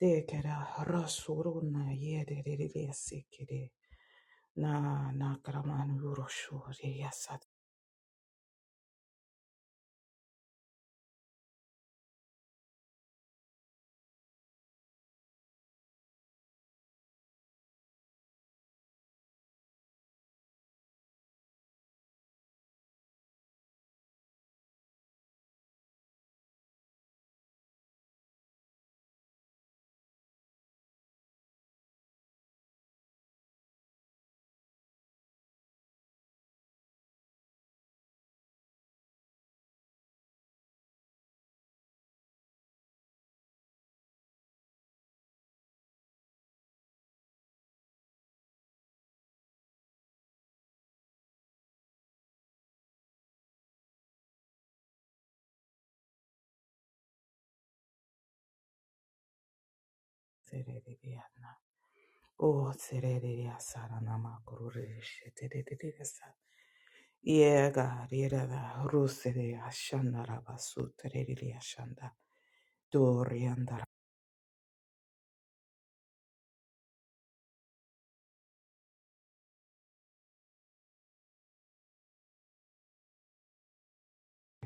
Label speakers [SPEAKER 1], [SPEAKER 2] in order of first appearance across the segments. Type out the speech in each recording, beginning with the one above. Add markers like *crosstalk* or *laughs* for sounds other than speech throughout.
[SPEAKER 1] De Dekera rasuruna yedededededsekere na na karaman yuroshuri yasatsederediana o tserediasarana makururishededededesa yega rirada rusere ashandara basuterediashanda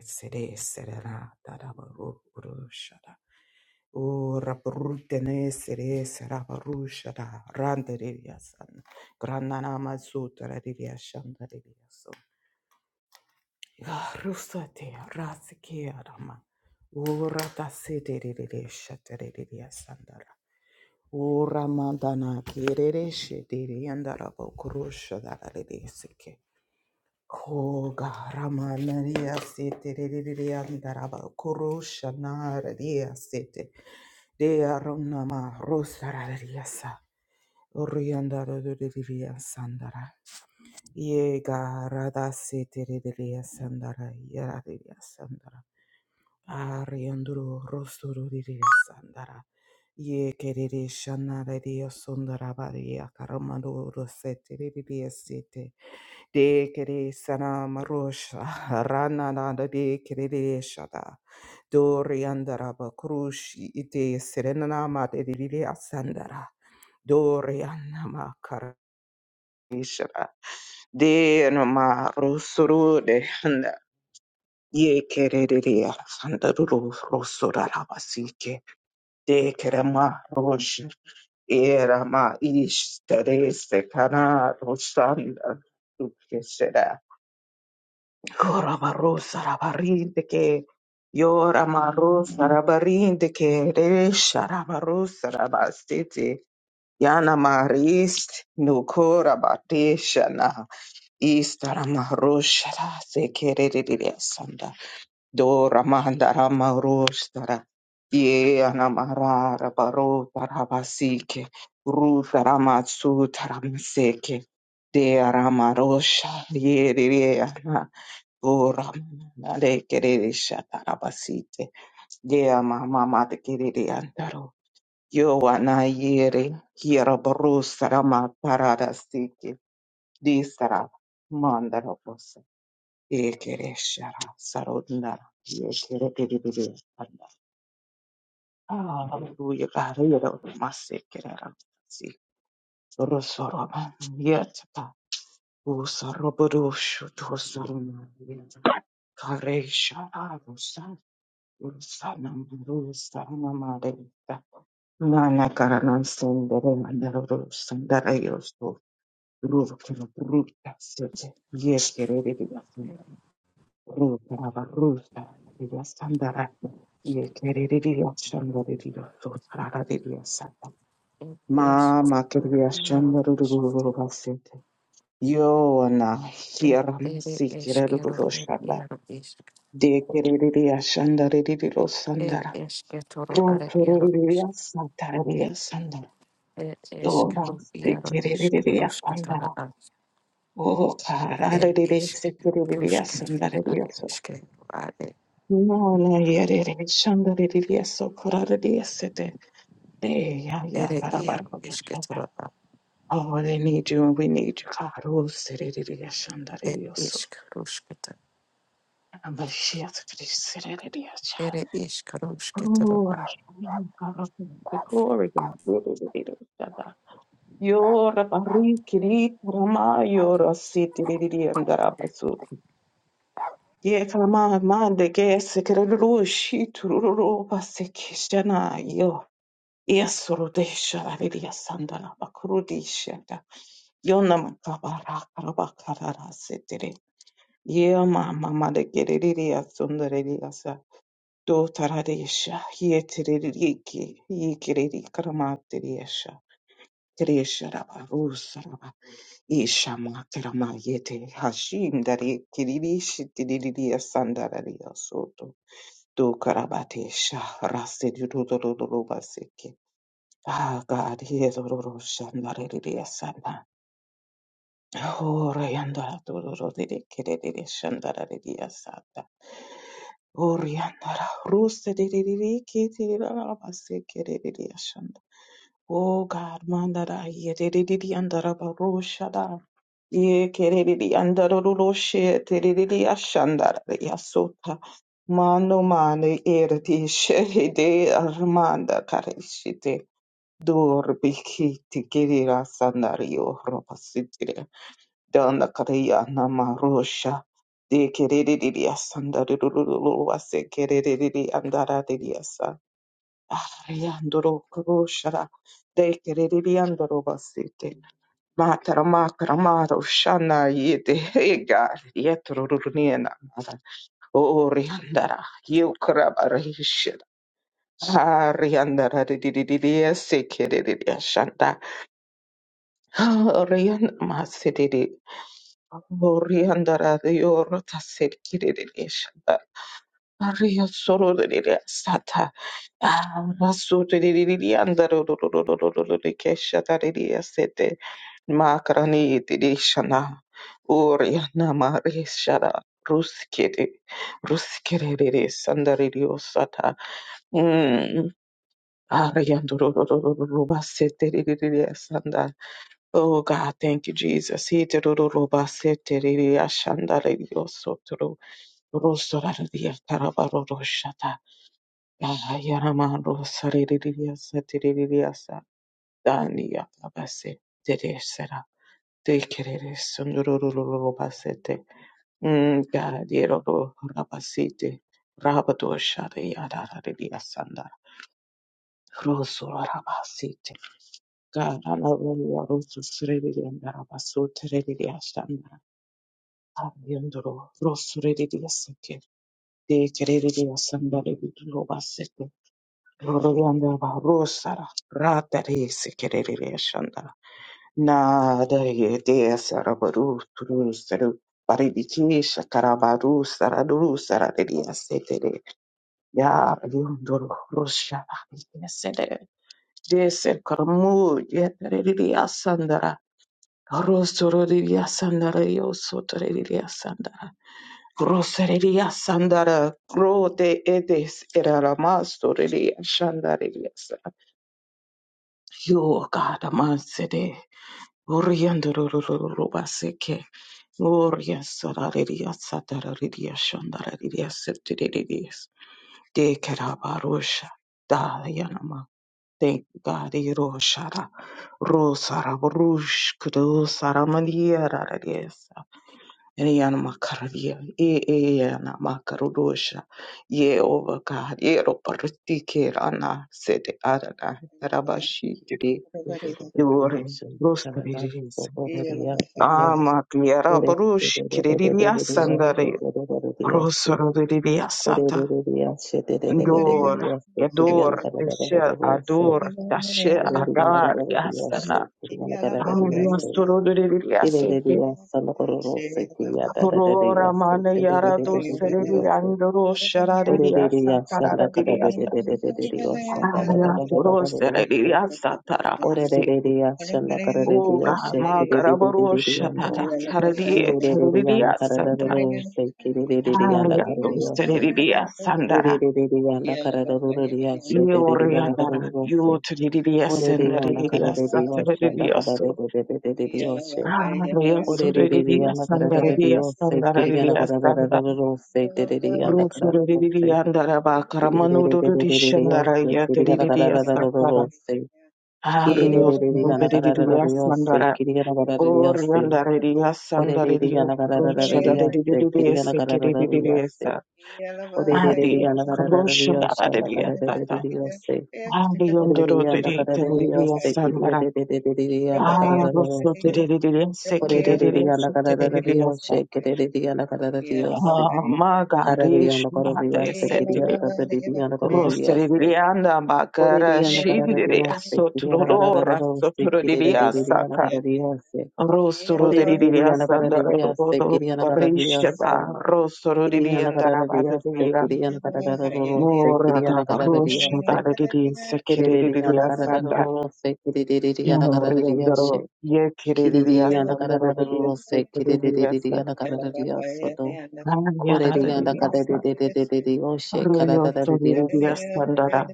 [SPEAKER 1] Sede serera darabaru urushada. Ora brutene sere seraba rushada. Rande rivia san. Granana mazutra rivia shanda rivia so. Ya rusate rasike arama. Ora da sede rivia shata rivia Ora mandana kirere shede riandara bokurushada rivia Ko garamanaria sete andara korosha nararia sete de aronama rosararia sa oriandara riria sandara ye garada sete riria sandara yararia Arianduru rosturu diria sandara. Ye kerere shanara dia sundara baria karamadu rosete diria sete. De kere sana marosha rana nada de kerere shada. Dori andara bakrushi ite serena mate diria sandara. Dori anama karashara. De no ma rosuru Ye kererere sandaruru rosora rabasike de kerema rosh erama ish terese kana rosanda tukesera koraba rosa barinde ke yora marosa barinde ke resha rabarosa rabasete yana marist nukora batesha na istara marosha se kererere do ramanda ramarostara ye anamarara baro tarabasike ruta ramatsu taramaseke de ramarosha ye re re ana do ramanda kereresha tarabasite de mama mate kerere antaro yo ana yere hiera baro sarama parada sike di sara mandara Yekereshara, sarondara, yekerekererereshara. Hallelujah, God. Yero, masekerera, si, rosoroba, yetpa, usarobodoshu, tosoroma, yetpa, kareshara, rusa, rusanam, rusanamareta. Nana karanan sendere, andaro, rusandara, yosto, ruvkero, bruta, sete, yekerererereshara. Ruta ruta diria sandara ye kerere diria sandara diria sotrara diria sata Mama quería shandarurururubasete. Yo ana hierra masikiradururushandar. De querería shandarirurusandara. Ro querería satararía sandara. Dora se querería sandara. O carararía se querería sandararía Nala yere shanda ririya sokora ririya sete. Eh, ya ya karabar baba shaka. Oh, they need you and we need you. Karu sere ririya shanda ririya so. Amashiach kri sere ririya sha.
[SPEAKER 2] Ere ish karushketoro,
[SPEAKER 1] Oh, Rashan karu the glory of God ririya shada. Yora bari kiri rama yora siti ririya ndara basu. Ye kama mande ke sekere ruru shi tururu paseke shana Yesurudesha Aridia Sandana Bakurudishenda Yonam Kabara Karabakara Sitiri Yama Mama de Geridia Sundarediasa Do Taradesha Yetiriki Yikiri Karamatiriesha Tiresha Raba Rusaraba Ishama Karama Yete Hashim Dari Kiridishi Tiridia Sandaradia Soto Do Karabatesha Rasiduruba Ah, God, he is Ororo Shandara Didia Sata. Oh, Rayandara Dororo Didi Kididi Shandara Didia Sata. Oh, Riandara Rusta Didi Kitty Rabasi Kididi Shanda. Oh, God, Mandara Yedidi Andara Barushada. Ye Kididi Andara Rushi Tididi Ashandara Yasota. Mano mane irti shehide armanda karishite. Dor biki tikirira sandario robasitire. Danda kariya namarosha. De kerediria sandarulu wase kerediri andara diriasa. Ariandoro kuroshara. De kerediri andoro basite. Matara matara maro shana yete hega yetruruniena. Ori andara. Yukraba rishira. Ariandara diriria sekerediria Orion Masididi Oriandara Yorota Sidkididishanda Ario Sorodidia Sata Rasudididiandaro Sete Makarani Didishana Oriana Marishara Ruskiri Ruskiri Sandaridio Sata Ariandoro Rubasete Sanda Oh God, thank you, Jesus. He te ro ro ro ba se te re re a shanda re yo so to ro ro so ra re di a ta ra ba ro ro sha ta. Ya ha ya ra ma ro sa re re re re a sa te re re re a sa. Da ni ya ka ba se te re se ra. Te ke re re so no ro ro ro ro ro ba se te. Mm, God, ye ro ro ra ba si te. Ra ba do sha re ya ra ra re di a sa nda. Ro so ra ra ba si te. God, I love you. Ro so se re re re nda ra ba so te re re re a sha nda. Yandoro rosuririya seke dekeririya sandari roba seke roriyanda ba rosara ratare sekeririya shandara na da ye de sarabaru turu saru paridiki shakarabaru saraduru sarariya setere ya yandoro rosha ya sendere de ser karmu yeteririya Rosoriria sandara yosotoriria sandara. Rosariria sandara grote edes eraramasoria shandaria sandara. You God amansede. Oriandorororobaseke. Oria sarariria satariria shandariria septiriria. De kerabarosha. Thank you, God. Ero shara ro sara brush kudo sara mandia rara desa. Ene yana makaravia e e yana makarudosha ye over God ye ro parutike rana sete arana
[SPEAKER 3] Yeah.
[SPEAKER 1] rabashi tiri
[SPEAKER 4] Ore
[SPEAKER 1] yore rostri rins. Ama kliara brush kiririya sandare rosoro diriya sata dora. Ador, Deshe, Ador, Dashe, Agar, Aliastorodiaseke, Aurora Mana Yarado Seredi Andro Sharadiasa Taradiasa, Ariatoro Serediasa
[SPEAKER 4] Ore de de
[SPEAKER 1] Taravaseke,
[SPEAKER 4] de ashanda kara de de
[SPEAKER 1] Oga
[SPEAKER 4] yoshe kiri de de de
[SPEAKER 1] Magarabaro
[SPEAKER 4] de de yondo.
[SPEAKER 1] Shatara Saradi
[SPEAKER 4] Kiri de de de
[SPEAKER 1] Teridia
[SPEAKER 4] yanda kara de de
[SPEAKER 1] Sandra,
[SPEAKER 4] de yose kiri de de de yanda kara
[SPEAKER 1] Ariato
[SPEAKER 4] de oshe
[SPEAKER 1] Seredidia
[SPEAKER 4] Kiri
[SPEAKER 1] Sandara.
[SPEAKER 4] de de de yanda kara de de de yashe
[SPEAKER 3] Yeah.
[SPEAKER 4] de de de yanda kara de
[SPEAKER 1] Yoriandara,
[SPEAKER 4] oshe
[SPEAKER 1] Yotridia
[SPEAKER 4] Ore de yanda kara
[SPEAKER 1] Sendaridia
[SPEAKER 4] de de yoshanda kara de
[SPEAKER 1] Sataradiaso,
[SPEAKER 4] de de de de de de yoshe.
[SPEAKER 1] Ariaso
[SPEAKER 4] Kore de de de
[SPEAKER 1] Ridia
[SPEAKER 4] yanda kara de de de
[SPEAKER 1] Sandaridia
[SPEAKER 4] yose kiri yanda
[SPEAKER 1] Sandaridia
[SPEAKER 4] kara de de de de yose de de de yanda kara de
[SPEAKER 1] Rusuriri
[SPEAKER 4] oshe
[SPEAKER 1] andara bakara
[SPEAKER 4] Kiri de de de de
[SPEAKER 1] manururi
[SPEAKER 4] de de de
[SPEAKER 1] shandara
[SPEAKER 4] yoshe kiri yanda
[SPEAKER 1] yatiriri
[SPEAKER 4] kara de de de de
[SPEAKER 1] asakara.
[SPEAKER 4] yose.
[SPEAKER 1] Arios ruberiri
[SPEAKER 4] kiriyanagarararariyose
[SPEAKER 1] asandara. Or
[SPEAKER 4] kiriyanagarararariyose
[SPEAKER 1] yandariri asandari rusha dariri
[SPEAKER 4] korereriyanagararararariyose
[SPEAKER 1] esikiriri
[SPEAKER 4] kiriyanagararararariyose
[SPEAKER 1] esa. Adi rusha
[SPEAKER 4] korereriyanagararararariyose
[SPEAKER 1] dariri asata.
[SPEAKER 4] ndagararararariyose
[SPEAKER 1] Adi yondoro diri tiriri
[SPEAKER 4] korereriyanagararararariyose
[SPEAKER 1] asandara. Ah, russo
[SPEAKER 4] kiriyanagararararariyose
[SPEAKER 1] tiriri esikiriri esikiriri
[SPEAKER 4] korereriyanagararararariyose
[SPEAKER 1] esa.
[SPEAKER 4] kiriyanagararararariyose
[SPEAKER 1] Magari
[SPEAKER 4] karariyanagarararariyose
[SPEAKER 1] shata
[SPEAKER 4] kiriyanagararararariyose
[SPEAKER 1] Rosteririanda bakara shindiri
[SPEAKER 4] korereriyanagararararariyose
[SPEAKER 1] soturora
[SPEAKER 4] kiriyanagararararariyose
[SPEAKER 1] sotuririya saka
[SPEAKER 4] kiriyanagarararariyose
[SPEAKER 1] rosteririya sandara
[SPEAKER 4] Orererereriyanakarareriyase,
[SPEAKER 1] rodo parishaba rosteririanda rabatiriya mora tava rosha dariri sekiririya sanda
[SPEAKER 3] Yeah.
[SPEAKER 1] yoriyandaro yekiririya
[SPEAKER 3] Yeah.
[SPEAKER 1] sandara ririya sekiririya sa raya daririya sa royo sotiririya sandara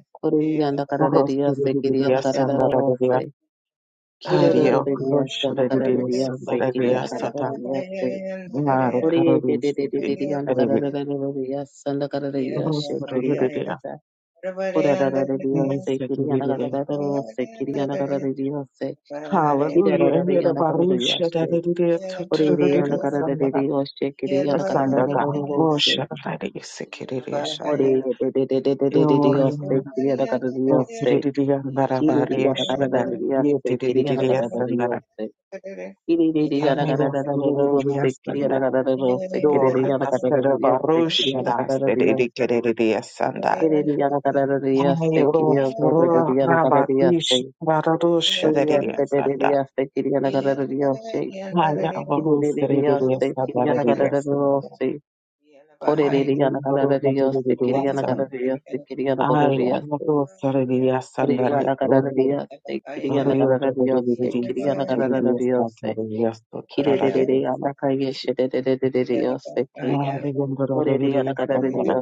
[SPEAKER 1] rosteririya sandara Ariel Cross Rodriguez Andrea Sata Maro
[SPEAKER 4] Ore de de
[SPEAKER 1] Carolus
[SPEAKER 4] de de de de yana
[SPEAKER 1] David
[SPEAKER 4] karara karara de sanda karara de ya
[SPEAKER 1] Cross
[SPEAKER 4] şekeri ya
[SPEAKER 1] Rodriguez
[SPEAKER 4] kata. Ora karara de ya şekeri yana karara
[SPEAKER 1] Mesekiride
[SPEAKER 4] karara şekeri yana karara de ya se. Kira
[SPEAKER 1] Hallelujah
[SPEAKER 4] karara
[SPEAKER 1] here the
[SPEAKER 4] yana karara ya
[SPEAKER 1] Barusha
[SPEAKER 4] se.
[SPEAKER 1] Davidide
[SPEAKER 4] Ore de yana
[SPEAKER 1] Tutrudide
[SPEAKER 4] karara de de
[SPEAKER 1] Sandara
[SPEAKER 4] ya şekeri
[SPEAKER 1] a
[SPEAKER 4] yana karara karara
[SPEAKER 1] Sandaga
[SPEAKER 4] de se.
[SPEAKER 1] Rosha Davisikiride Shana
[SPEAKER 4] Ore de de de de de de de de
[SPEAKER 3] Yeah.
[SPEAKER 4] ya
[SPEAKER 1] Yori
[SPEAKER 4] şekeri yana karara de ya se.
[SPEAKER 1] Rosiride Andara
[SPEAKER 4] Kiri de yana
[SPEAKER 1] Barisha
[SPEAKER 4] karara de ya şekeri
[SPEAKER 1] Yetidide
[SPEAKER 4] karara de ya
[SPEAKER 1] Sandara
[SPEAKER 4] se. Kiri de de karara
[SPEAKER 1] Ariel
[SPEAKER 4] de ya
[SPEAKER 1] Rodriguez
[SPEAKER 4] şekeri
[SPEAKER 1] Sandara
[SPEAKER 4] karara de ya se. Kiri de
[SPEAKER 1] Dora
[SPEAKER 4] yana karara de
[SPEAKER 1] Tasara
[SPEAKER 4] ya şekeri
[SPEAKER 1] Barusha
[SPEAKER 4] karara de ya se.
[SPEAKER 1] Davidikiride sanda.
[SPEAKER 4] Kiriana
[SPEAKER 1] Ayurosura Rabakish Rarusha Deridia Sada. Ayarvarus Deridia Sada Deridia Sada. Ayurvarus Deridia Sada. Ayarvarus Deridia Sada Deridia Ariyota Deridia Deridia Sada Deridia Sada Deridia Sada. Ayurvarus Deridia Sada.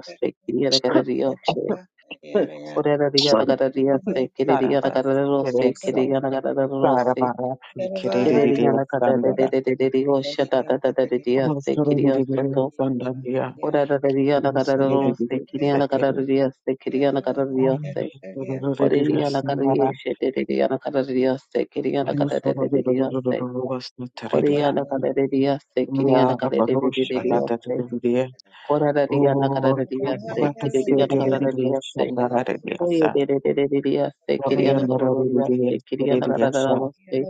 [SPEAKER 4] Orera riyana karariya se kere riyana
[SPEAKER 1] Sarabas
[SPEAKER 4] karararo
[SPEAKER 1] Deridia
[SPEAKER 4] se kere
[SPEAKER 1] Sada.
[SPEAKER 4] riyana karararo se
[SPEAKER 1] Sarabara Fikiri
[SPEAKER 4] kere riyana
[SPEAKER 1] Deridia
[SPEAKER 4] karararererereri osha da da da da riya se
[SPEAKER 1] Rosoro de
[SPEAKER 4] kiriya
[SPEAKER 1] Gigere
[SPEAKER 4] soto
[SPEAKER 1] Sandaria,
[SPEAKER 4] orera riyana
[SPEAKER 1] Rosoro de
[SPEAKER 4] karararo se
[SPEAKER 1] Gigere
[SPEAKER 4] kere riyana
[SPEAKER 1] Satiri,
[SPEAKER 4] karariya se kere riyana karariya se
[SPEAKER 1] Rosoro de
[SPEAKER 4] ore
[SPEAKER 1] Gigere
[SPEAKER 4] riyana karariya
[SPEAKER 1] Sandara,
[SPEAKER 4] she de de riyana karariya se kere riyana
[SPEAKER 1] Rosoro de
[SPEAKER 4] karararereriya se
[SPEAKER 1] Rosoro de
[SPEAKER 4] ore
[SPEAKER 1] Teredia,
[SPEAKER 4] riyana karariya se kere riyana
[SPEAKER 1] Ya Rabarosha Data
[SPEAKER 4] se
[SPEAKER 1] de Gigere,
[SPEAKER 4] orera riyana
[SPEAKER 1] O
[SPEAKER 4] karariya se
[SPEAKER 1] Rata
[SPEAKER 4] kere riyana
[SPEAKER 1] Sete de Gigere
[SPEAKER 4] se
[SPEAKER 1] Sandara de
[SPEAKER 4] Oye,
[SPEAKER 1] Biasa,
[SPEAKER 4] de de de de de de se querían
[SPEAKER 1] Orian de
[SPEAKER 4] corroborar,
[SPEAKER 1] Gigere,
[SPEAKER 4] se querían
[SPEAKER 1] de
[SPEAKER 4] agarrar a
[SPEAKER 1] Biasa,
[SPEAKER 4] vos, se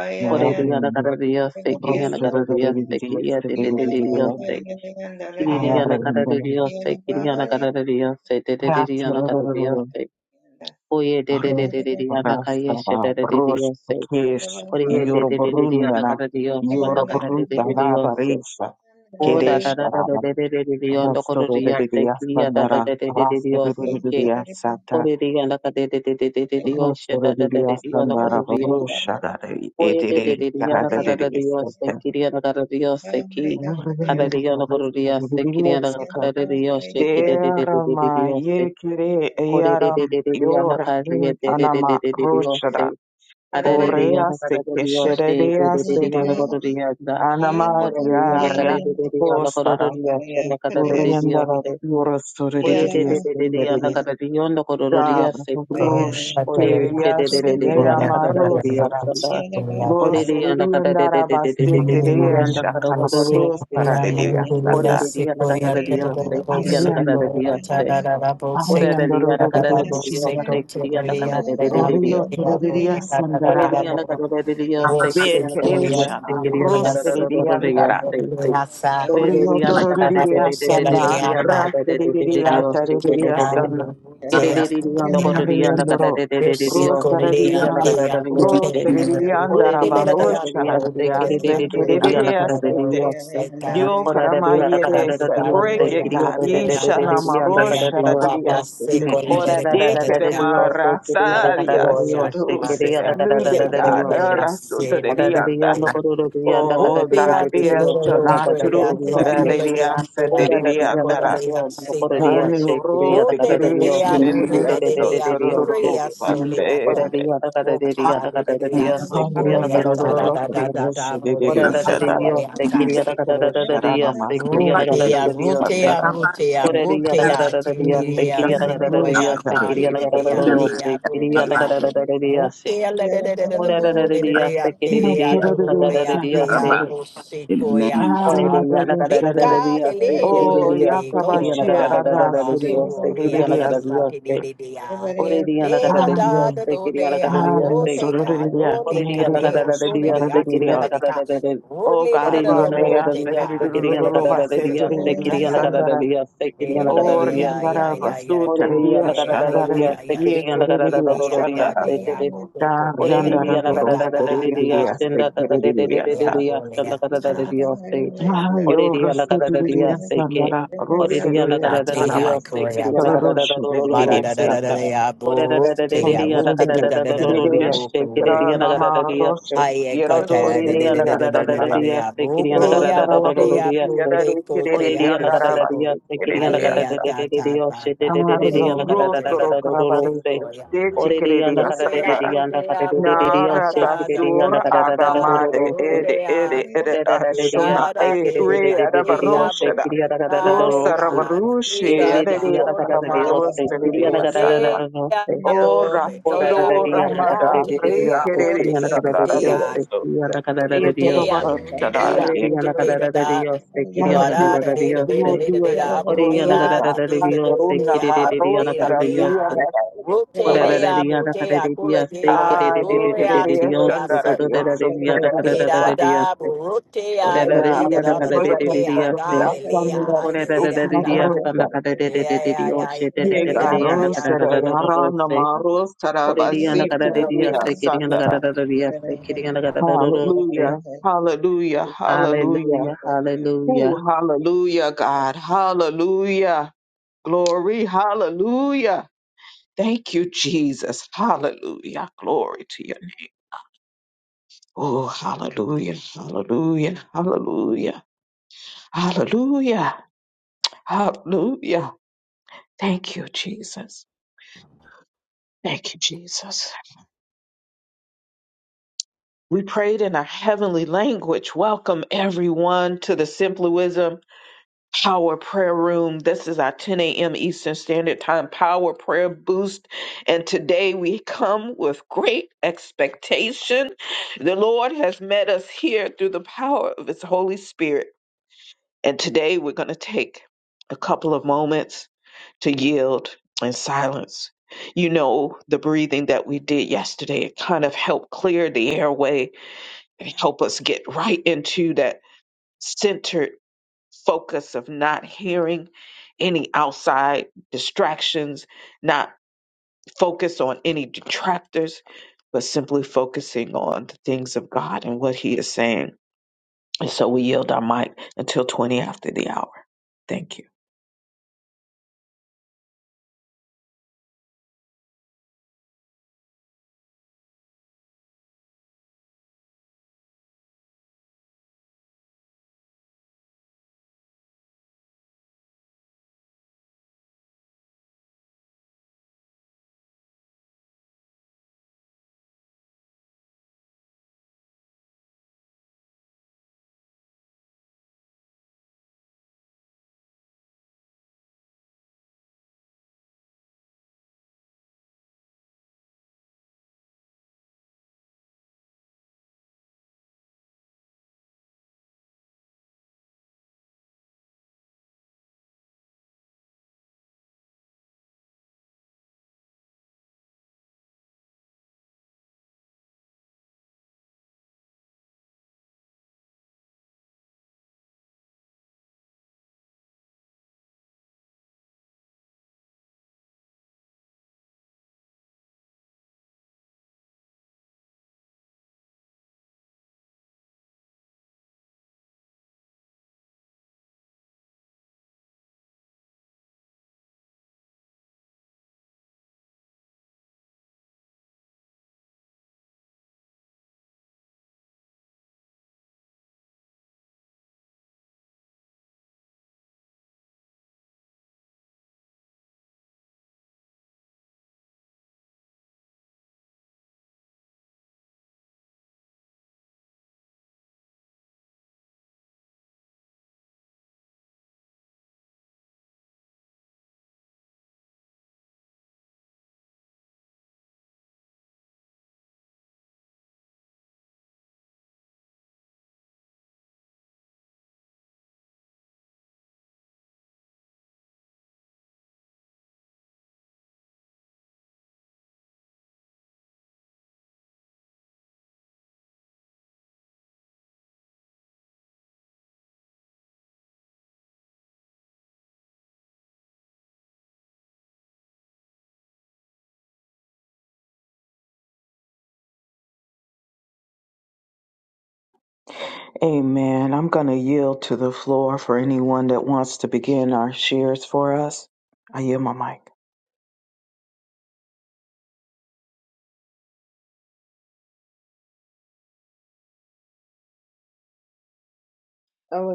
[SPEAKER 3] Yeah.
[SPEAKER 4] correrían a
[SPEAKER 1] Marum,
[SPEAKER 4] cara de Dios, se querían agarrar
[SPEAKER 1] Rosoro
[SPEAKER 4] a
[SPEAKER 1] de
[SPEAKER 4] Dios, se
[SPEAKER 1] Gigere
[SPEAKER 4] quería de
[SPEAKER 1] Sete
[SPEAKER 4] de de
[SPEAKER 1] de
[SPEAKER 4] de
[SPEAKER 1] Gigere,
[SPEAKER 4] de se querían a cara de
[SPEAKER 1] Arendere,
[SPEAKER 4] Dios, se querían a cara de Dios, se de de de de a cara de Dios, se oye de de de
[SPEAKER 1] Arroz,
[SPEAKER 4] de de de a la calle, se
[SPEAKER 1] Rastava,
[SPEAKER 4] de de de
[SPEAKER 1] Brush,
[SPEAKER 4] Dios, se
[SPEAKER 1] Kesh,
[SPEAKER 4] oye de de de de de a la
[SPEAKER 1] Yorubrundana,
[SPEAKER 4] cara de Dios, cuando cara de de de
[SPEAKER 1] Yorubrutava,
[SPEAKER 4] Dios, se
[SPEAKER 1] Barisha,
[SPEAKER 4] o da da
[SPEAKER 1] Keresh,
[SPEAKER 4] da da de de de de de Dios, no correría, se
[SPEAKER 1] Rastorodidia
[SPEAKER 4] quería da da
[SPEAKER 1] Sandara,
[SPEAKER 4] da de de de de Dios, se
[SPEAKER 1] Rastorodidia
[SPEAKER 3] Yeah.
[SPEAKER 1] Sata,
[SPEAKER 4] Oriyana kade de de de de de de yoshya da da da de
[SPEAKER 1] Rastorodidia
[SPEAKER 4] oriyana karo
[SPEAKER 1] Sandara,
[SPEAKER 4] oriyana.
[SPEAKER 1] Barusha,
[SPEAKER 4] Oye
[SPEAKER 1] Ediri,
[SPEAKER 4] Oreriyana kadedededededediyoshe dadadedediyana koreriyana. Oyedededediyana
[SPEAKER 1] Karadiri,
[SPEAKER 4] kadadediyose
[SPEAKER 1] Sata,
[SPEAKER 4] kiriyana kadadediyose ki.
[SPEAKER 1] Rastorodidia
[SPEAKER 4] Kadadediyana koreriyase kiriyana
[SPEAKER 1] Sata, Derama, Yekire,
[SPEAKER 4] Kore Kore de
[SPEAKER 1] Yaram,
[SPEAKER 4] de de de oriyana
[SPEAKER 1] Yor,
[SPEAKER 4] kariye
[SPEAKER 1] In,
[SPEAKER 4] de de de
[SPEAKER 1] Anama,
[SPEAKER 4] de de de
[SPEAKER 1] Rusha,
[SPEAKER 4] yoshya. ada
[SPEAKER 1] Urea se
[SPEAKER 4] kadadediyoshe kidedededededediyose. Koreriyana kadiyedededededediyose. Adadediyana kadadediyoshe
[SPEAKER 1] keshererea se
[SPEAKER 4] dededediyana
[SPEAKER 1] de
[SPEAKER 4] koreriyana.
[SPEAKER 3] Yeah.
[SPEAKER 1] anamaria
[SPEAKER 4] Koreriyana
[SPEAKER 1] rea
[SPEAKER 4] kadededediyana
[SPEAKER 1] postara
[SPEAKER 4] koreriyashe
[SPEAKER 1] uriendara
[SPEAKER 4] kadadediyose.
[SPEAKER 1] yurasuririria
[SPEAKER 4] Oyededededediyana
[SPEAKER 1] senderere
[SPEAKER 4] kadadediyana
[SPEAKER 1] dar
[SPEAKER 4] koreriyase ki.
[SPEAKER 5] Thank
[SPEAKER 1] rushia
[SPEAKER 4] Ore shede de de de de de
[SPEAKER 1] selea
[SPEAKER 4] yana kada da de
[SPEAKER 1] maros
[SPEAKER 4] diyor şunda. Ore de yana kada de de
[SPEAKER 1] roseriendara
[SPEAKER 4] de de de de de de
[SPEAKER 1] basteterea
[SPEAKER 4] yana kada da da da
[SPEAKER 1] shakarabaros para de
[SPEAKER 4] Ore de de yana kada da diyor se kiri yana kada
[SPEAKER 1] arian
[SPEAKER 4] da diyor se. Ore de de
[SPEAKER 1] ariandoro
[SPEAKER 4] yana kada da de diyor se kiri yana kada da de de de
[SPEAKER 1] Orio
[SPEAKER 4] diyor se.
[SPEAKER 1] tururiria sandar
[SPEAKER 4] Ore de yana kada da de diyor
[SPEAKER 6] Thank
[SPEAKER 4] se kiri yana kada da
[SPEAKER 1] bekeresh
[SPEAKER 4] diyor se kiri yana kada da da da da diyor
[SPEAKER 1] ruseriandara
[SPEAKER 4] se. Ore de de yana kada da de de de de de
[SPEAKER 1] Riotororiasana,
[SPEAKER 4] de yana kada da de de de
[SPEAKER 1] Rafuriria
[SPEAKER 4] diyor se de de
[SPEAKER 1] Taririas,
[SPEAKER 4] de de. Kiri de de yana kada
[SPEAKER 5] you.
[SPEAKER 4] da de de de de diyor se kiri
[SPEAKER 1] Rosaria,
[SPEAKER 4] yana
[SPEAKER 3] Yeah.
[SPEAKER 4] kada da diyor Oreri
[SPEAKER 1] Rosariandaraba,
[SPEAKER 4] yala karara diyaste,
[SPEAKER 1] Taririas,
[SPEAKER 4] kiriri di di di di yala
[SPEAKER 1] Bekirias,
[SPEAKER 4] karara diyaste,
[SPEAKER 1] Dio
[SPEAKER 4] orara di yala karara
[SPEAKER 1] Yeres,
[SPEAKER 4] diyaste,
[SPEAKER 1] break it,
[SPEAKER 4] kiri
[SPEAKER 1] God,
[SPEAKER 4] di di di di
[SPEAKER 1] Ishana
[SPEAKER 4] di di yala karara
[SPEAKER 1] Marosha,
[SPEAKER 4] diyaste, orara da da da da
[SPEAKER 1] Dekerema
[SPEAKER 4] diyaste, kiri yala
[SPEAKER 1] Rasaria,
[SPEAKER 4] karara diyaste,
[SPEAKER 1] Turus,
[SPEAKER 4] kiri yala karara
[SPEAKER 1] New
[SPEAKER 4] da
[SPEAKER 1] Day,
[SPEAKER 4] da da
[SPEAKER 1] God,
[SPEAKER 4] diyaste, orara di
[SPEAKER 1] Rasutarianda,
[SPEAKER 4] yala
[SPEAKER 5] Thank
[SPEAKER 4] karara di yala
[SPEAKER 1] Oh,
[SPEAKER 4] karara di di
[SPEAKER 1] God,
[SPEAKER 4] di di
[SPEAKER 5] Rupeate
[SPEAKER 1] dear,
[SPEAKER 4] diyaste, da
[SPEAKER 5] little
[SPEAKER 4] da da da
[SPEAKER 1] Turus,
[SPEAKER 5] prettyate, a
[SPEAKER 4] diyaste,
[SPEAKER 1] Radias,
[SPEAKER 5] puleate,
[SPEAKER 4] orara
[SPEAKER 5] apple
[SPEAKER 4] di
[SPEAKER 5] de
[SPEAKER 4] yala
[SPEAKER 1] Diriandara,
[SPEAKER 4] karara
[SPEAKER 5] codadea,
[SPEAKER 4] yala
[SPEAKER 5] secor,
[SPEAKER 4] diyaste, kiri
[SPEAKER 1] Anuro,
[SPEAKER 4] yala
[SPEAKER 5] rote
[SPEAKER 4] karara
[SPEAKER 5] de de dea,
[SPEAKER 4] diyaste, kiri
[SPEAKER 5] bude
[SPEAKER 4] di
[SPEAKER 5] de
[SPEAKER 4] di di di
[SPEAKER 5] dea,
[SPEAKER 4] di
[SPEAKER 1] Oh,
[SPEAKER 4] diyaste,
[SPEAKER 5] buria
[SPEAKER 4] orara
[SPEAKER 5] soleata,
[SPEAKER 4] di yala karara di yala
[SPEAKER 5] vocale de
[SPEAKER 4] karara
[SPEAKER 5] dea,
[SPEAKER 4] diyaste, kiriya yala
[SPEAKER 5] secoria,
[SPEAKER 4] karara
[SPEAKER 5] da da
[SPEAKER 4] diyaste.
[SPEAKER 5] da da da,
[SPEAKER 4] オラダダディオセキリアダカダダダダディアセキリアダカダダダディオセオレリアダカダダダディアセキリアダカダダダディアセキリアダカダダダロセキリアダカダダダディアシオラダダディアセキリディアカダダディアセコエリアダカダダダディアセキリディアセキリアダカダダダダディアセキリアダカダダダディアセオレリアダカダダディアセキリアダカダダディアセオレリアダカダダダディアセキリアダカダダダデ
[SPEAKER 5] buria Rotea, rotea, rotea, rotea, chiliria, sequoia, calidia, tea, rotea, rotea, la de de de de de bo, de de da tea, dororea, tea, bo, sequoia,
[SPEAKER 6] you.
[SPEAKER 5] ah, leka, de le, de go, de de go, ba
[SPEAKER 1] Yakabashir,
[SPEAKER 5] ba
[SPEAKER 1] Arasiri,
[SPEAKER 5] suria,
[SPEAKER 1] Siridiasa.
[SPEAKER 5] si, de de de de ah. Le da da da do de a bo de ka do ni ka de a so de de a se
[SPEAKER 1] Oh
[SPEAKER 4] Ore Ore
[SPEAKER 1] God, Ramea, Serediluva, Seteridia, Sandara, or rindara Vasu, Teredia, Shandara, Ye, Keredia, Da yanda da do do do di di di di as di di di di di di as da. Ah, yo ro se di di di as da da da. Ro se di di da da ba. Da da di di di
[SPEAKER 5] Mara
[SPEAKER 1] di.
[SPEAKER 5] da da da da da ya bo te
[SPEAKER 1] Ro
[SPEAKER 5] ya ru
[SPEAKER 1] di di
[SPEAKER 5] te ka da da da da
[SPEAKER 1] di di
[SPEAKER 5] da
[SPEAKER 1] as.
[SPEAKER 5] bo ka wo
[SPEAKER 1] Ra
[SPEAKER 5] ya
[SPEAKER 1] na
[SPEAKER 5] ta
[SPEAKER 1] ma ro se.
[SPEAKER 5] Ay,
[SPEAKER 1] Ye ro do
[SPEAKER 3] Thank
[SPEAKER 5] escucha,
[SPEAKER 3] you.
[SPEAKER 5] de-
[SPEAKER 1] di
[SPEAKER 5] de-
[SPEAKER 1] di
[SPEAKER 5] de- de- de- de- de- de- de- abo,
[SPEAKER 1] ro
[SPEAKER 5] que
[SPEAKER 3] Yeah.
[SPEAKER 1] ta
[SPEAKER 5] abo, de
[SPEAKER 1] di
[SPEAKER 5] abo,
[SPEAKER 1] da
[SPEAKER 5] te
[SPEAKER 1] di di
[SPEAKER 5] co, te
[SPEAKER 1] di
[SPEAKER 4] Oriri
[SPEAKER 5] abo,
[SPEAKER 4] ala
[SPEAKER 1] yanda da
[SPEAKER 4] kada da
[SPEAKER 1] ba
[SPEAKER 5] seco.
[SPEAKER 1] se
[SPEAKER 4] diya se
[SPEAKER 1] di di
[SPEAKER 4] kiri
[SPEAKER 1] di
[SPEAKER 4] ala
[SPEAKER 1] di
[SPEAKER 4] kada
[SPEAKER 1] as.
[SPEAKER 5] Alea,
[SPEAKER 4] de de de
[SPEAKER 5] ta,
[SPEAKER 4] de
[SPEAKER 5] ta,
[SPEAKER 4] diya se
[SPEAKER 5] ta,
[SPEAKER 4] de
[SPEAKER 1] Ah,
[SPEAKER 5] ta,
[SPEAKER 4] de de
[SPEAKER 5] bo,
[SPEAKER 4] de diya
[SPEAKER 5] se
[SPEAKER 1] yo
[SPEAKER 4] ala
[SPEAKER 5] ko
[SPEAKER 4] kada
[SPEAKER 1] ro
[SPEAKER 4] da da
[SPEAKER 5] te
[SPEAKER 4] da
[SPEAKER 1] ro
[SPEAKER 4] da
[SPEAKER 1] ka
[SPEAKER 4] do
[SPEAKER 5] abo,
[SPEAKER 4] do
[SPEAKER 1] ba
[SPEAKER 4] do
[SPEAKER 5] se-
[SPEAKER 1] re
[SPEAKER 4] se
[SPEAKER 1] se.
[SPEAKER 5] ko ya.
[SPEAKER 1] De
[SPEAKER 4] oriri
[SPEAKER 1] di di
[SPEAKER 4] ala
[SPEAKER 5] Bo,
[SPEAKER 1] as
[SPEAKER 4] kada
[SPEAKER 1] da
[SPEAKER 4] de
[SPEAKER 5] te
[SPEAKER 4] de
[SPEAKER 1] da
[SPEAKER 4] diya
[SPEAKER 5] abo,
[SPEAKER 4] ala
[SPEAKER 5] te
[SPEAKER 4] kada de de
[SPEAKER 5] abo,
[SPEAKER 4] de
[SPEAKER 5] de ya
[SPEAKER 4] diya
[SPEAKER 1] Nara
[SPEAKER 4] se
[SPEAKER 1] da
[SPEAKER 5] ta,
[SPEAKER 4] kiri
[SPEAKER 5] da,
[SPEAKER 4] diya
[SPEAKER 1] sur
[SPEAKER 4] ala
[SPEAKER 5] de
[SPEAKER 4] kada
[SPEAKER 5] ya
[SPEAKER 4] da da da do
[SPEAKER 5] ta,
[SPEAKER 1] adama
[SPEAKER 4] do
[SPEAKER 5] da,
[SPEAKER 4] do
[SPEAKER 1] de
[SPEAKER 5] bo,
[SPEAKER 4] se
[SPEAKER 1] ede
[SPEAKER 5] de ya
[SPEAKER 1] ede ede
[SPEAKER 4] oriri da da de
[SPEAKER 5] De
[SPEAKER 4] diya
[SPEAKER 1] arshona
[SPEAKER 5] da,
[SPEAKER 4] se
[SPEAKER 5] da,
[SPEAKER 1] e
[SPEAKER 4] kiri de
[SPEAKER 5] de,
[SPEAKER 4] de
[SPEAKER 5] da,
[SPEAKER 4] de de de
[SPEAKER 5] de
[SPEAKER 4] diya
[SPEAKER 5] ya
[SPEAKER 1] re
[SPEAKER 4] se
[SPEAKER 5] bo,
[SPEAKER 4] kiri
[SPEAKER 5] de
[SPEAKER 4] ala kada da da
[SPEAKER 5] da,
[SPEAKER 4] do do
[SPEAKER 5] le,
[SPEAKER 1] Rosa
[SPEAKER 4] se
[SPEAKER 5] da, da, de,
[SPEAKER 4] kiri
[SPEAKER 1] Ravarushi,
[SPEAKER 5] da,
[SPEAKER 4] de de
[SPEAKER 5] da,
[SPEAKER 4] diya
[SPEAKER 1] Adelia
[SPEAKER 4] ala
[SPEAKER 5] bo,
[SPEAKER 4] kada
[SPEAKER 5] de
[SPEAKER 4] da diya
[SPEAKER 5] ya
[SPEAKER 1] Karamados
[SPEAKER 4] se kiri ala
[SPEAKER 5] Bo,
[SPEAKER 4] kada
[SPEAKER 1] Teredias,
[SPEAKER 4] da da
[SPEAKER 5] te
[SPEAKER 4] da do se
[SPEAKER 5] abo,
[SPEAKER 1] Ora
[SPEAKER 5] be,
[SPEAKER 4] oriri
[SPEAKER 5] de
[SPEAKER 4] da
[SPEAKER 1] Sado
[SPEAKER 5] abo,
[SPEAKER 4] diya
[SPEAKER 5] te
[SPEAKER 4] ala kada
[SPEAKER 5] la,
[SPEAKER 4] de
[SPEAKER 1] Ramada,
[SPEAKER 4] de
[SPEAKER 5] te
[SPEAKER 4] de
[SPEAKER 1] Re
[SPEAKER 5] de
[SPEAKER 4] diya se
[SPEAKER 5] abo, te
[SPEAKER 4] kiri
[SPEAKER 1] Teredis
[SPEAKER 4] ala
[SPEAKER 5] le,
[SPEAKER 4] kada
[SPEAKER 5] ko
[SPEAKER 4] da
[SPEAKER 1] Gandara
[SPEAKER 5] te
[SPEAKER 4] diya
[SPEAKER 5] ya.
[SPEAKER 4] se
[SPEAKER 1] Deoso,
[SPEAKER 4] kiri ala kada da da diya
[SPEAKER 5] Buddha,
[SPEAKER 4] se
[SPEAKER 1] Ezoravar Sada,
[SPEAKER 5] Buddha, Buddha,
[SPEAKER 4] oriri
[SPEAKER 1] Yaki,
[SPEAKER 4] ala
[SPEAKER 5] Buddha,
[SPEAKER 4] kada da
[SPEAKER 5] Buddha,
[SPEAKER 4] da
[SPEAKER 5] da.
[SPEAKER 4] diya se kiri ala kada
[SPEAKER 5] Bara
[SPEAKER 4] da
[SPEAKER 5] da
[SPEAKER 4] da
[SPEAKER 5] da
[SPEAKER 4] diya
[SPEAKER 5] da
[SPEAKER 4] se
[SPEAKER 5] da
[SPEAKER 1] Yo
[SPEAKER 5] da da
[SPEAKER 1] do
[SPEAKER 5] da
[SPEAKER 1] it,
[SPEAKER 5] da.
[SPEAKER 1] Yo
[SPEAKER 4] Oriyana
[SPEAKER 1] do it,
[SPEAKER 5] Buddha, da
[SPEAKER 4] kararararariyose,
[SPEAKER 1] Asaron,
[SPEAKER 5] da da
[SPEAKER 1] Rosa
[SPEAKER 5] da da
[SPEAKER 1] Rabia
[SPEAKER 4] kirerererariyose.
[SPEAKER 5] da.
[SPEAKER 1] Mera,
[SPEAKER 5] Buddha, da da. Buddha, Buddha, Kula
[SPEAKER 4] Orarararariyanakarararariyose,
[SPEAKER 5] da.
[SPEAKER 1] Ah, the
[SPEAKER 5] Gloria to ya
[SPEAKER 4] kirerererariyose.
[SPEAKER 1] Shandara
[SPEAKER 5] seta.
[SPEAKER 1] Deoso,
[SPEAKER 5] Bida da
[SPEAKER 4] Dororararariyanakarararariyose.
[SPEAKER 5] Buddha, da da da da da. Roke
[SPEAKER 4] Orarararariyanakarararariyose.
[SPEAKER 5] aga lele a lele da da. Yeah yeah
[SPEAKER 4] Orarararariyasanakarararariyose.
[SPEAKER 3] I
[SPEAKER 5] yeah
[SPEAKER 3] will
[SPEAKER 1] Diego
[SPEAKER 5] yeah yeah
[SPEAKER 1] Rosa, Arana
[SPEAKER 4] Dererererariyanakararararose.
[SPEAKER 1] Maros, Tarabasi,
[SPEAKER 5] yeah
[SPEAKER 4] Oriyanakarararariyose,
[SPEAKER 1] Teredia,
[SPEAKER 5] yeah.
[SPEAKER 4] kiriyanakarararariyose, kiriyanakararararose.
[SPEAKER 1] Hallelujah. Hallelujah. Hallelujah.
[SPEAKER 4] Hallelujah, hallelujah.
[SPEAKER 1] Ooh, hallelujah, God. Hallelujah. Glory. Hallelujah. Thank you, Jesus. Hallelujah. Glory to you. Oh, hallelujah. Hallelujah. Hallelujah. Hallelujah. Hallelujah. Thank you, Jesus. Thank you, Jesus. We prayed in our heavenly language. Welcome everyone to the Simplism Power Prayer Room. This is our 10 a.m. Eastern Standard Time Power Prayer Boost. And today we come with great expectation. The Lord has met us here through the power of His Holy Spirit. And today we're going to take a couple of moments to yield in silence. You know, the breathing that we did yesterday, it kind of helped clear the airway and help us get right into that center focus of not hearing any outside distractions, not focus on any detractors, but simply focusing on the things of God and what He is saying. And so we yield our mic until 20 after the hour. Thank you. Amen. I'm going to yield to the floor for anyone that wants to begin our shares for us. I yield my mic.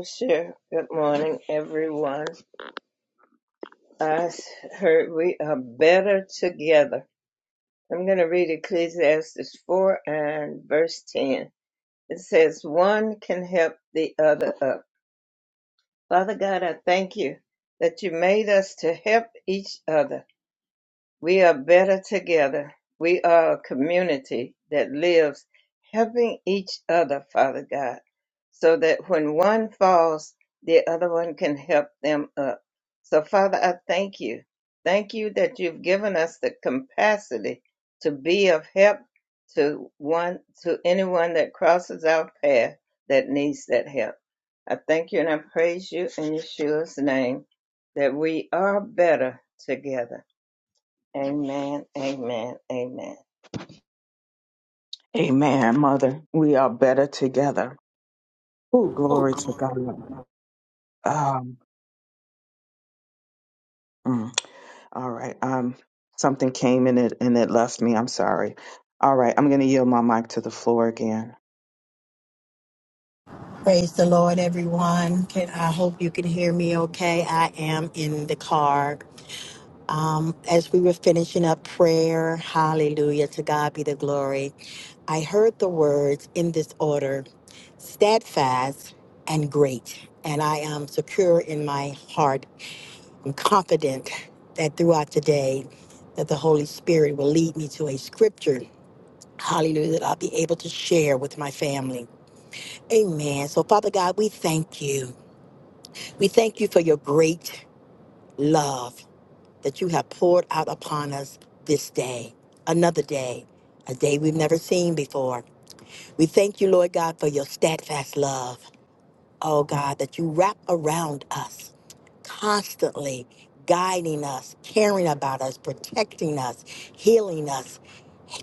[SPEAKER 3] share. Good morning, everyone. I s- heard we are better together. I'm going to read Ecclesiastes 4 and verse 10. It says, One can help the other up. Father God, I thank you that you made us to help each other. We are better together. We are a community that lives helping each other, Father God, so that when one falls, the other one can help them up. So, Father, I thank you. Thank you that you've given us the capacity to be of help to one to anyone that crosses our path that needs that help. I thank you and I praise you in Yeshua's name that we are better together Amen. Amen. Amen.
[SPEAKER 1] Amen, Mother. We are better together. Oh, glory to God. Um, mm. All right. Um, something came in it and it left me. I'm sorry. All right. I'm going to yield my mic to the floor again.
[SPEAKER 5] Praise the Lord, everyone. Can, I hope you can hear me okay. I am in the car. Um, as we were finishing up prayer, hallelujah, to God be the glory, I heard the words in this order steadfast and great. And I am secure in my heart. I'm confident that throughout the day, that the Holy Spirit will lead me to a scripture, hallelujah, that I'll be able to share with my family. Amen. So, Father God, we thank you. We thank you for your great love that you have poured out upon us this day, another day, a day we've never seen before. We thank you, Lord God, for your steadfast love. Oh God, that you wrap around us constantly guiding us, caring about us, protecting us, healing us,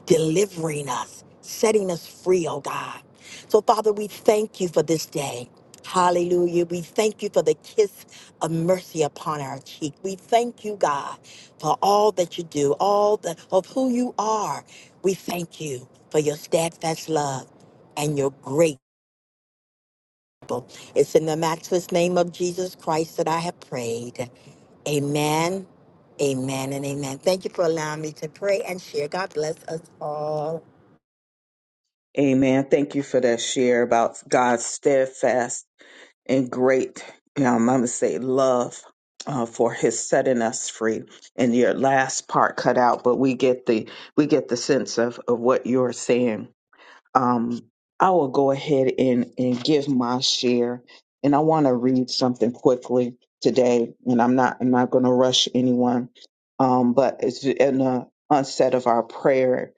[SPEAKER 5] delivering us, setting us free, oh God. So, Father, we thank you for this day. Hallelujah. We thank you for the kiss of mercy upon our cheek. We thank you, God, for all that you do, all the, of who you are. We thank you for your steadfast love and your great. It's in the matchless name of Jesus Christ that I have prayed. Amen, amen, and amen. Thank you for allowing me to pray and share. God bless us all.
[SPEAKER 1] Amen. Thank you for that share about God's steadfast and great, um, I'm going to say love uh, for his setting us free. And your last part cut out, but we get the we get the sense of of what you're saying. um, I will go ahead and, and give my share. And I want to read something quickly today, and I'm not I'm not going to rush anyone, um, but it's in the onset of our prayer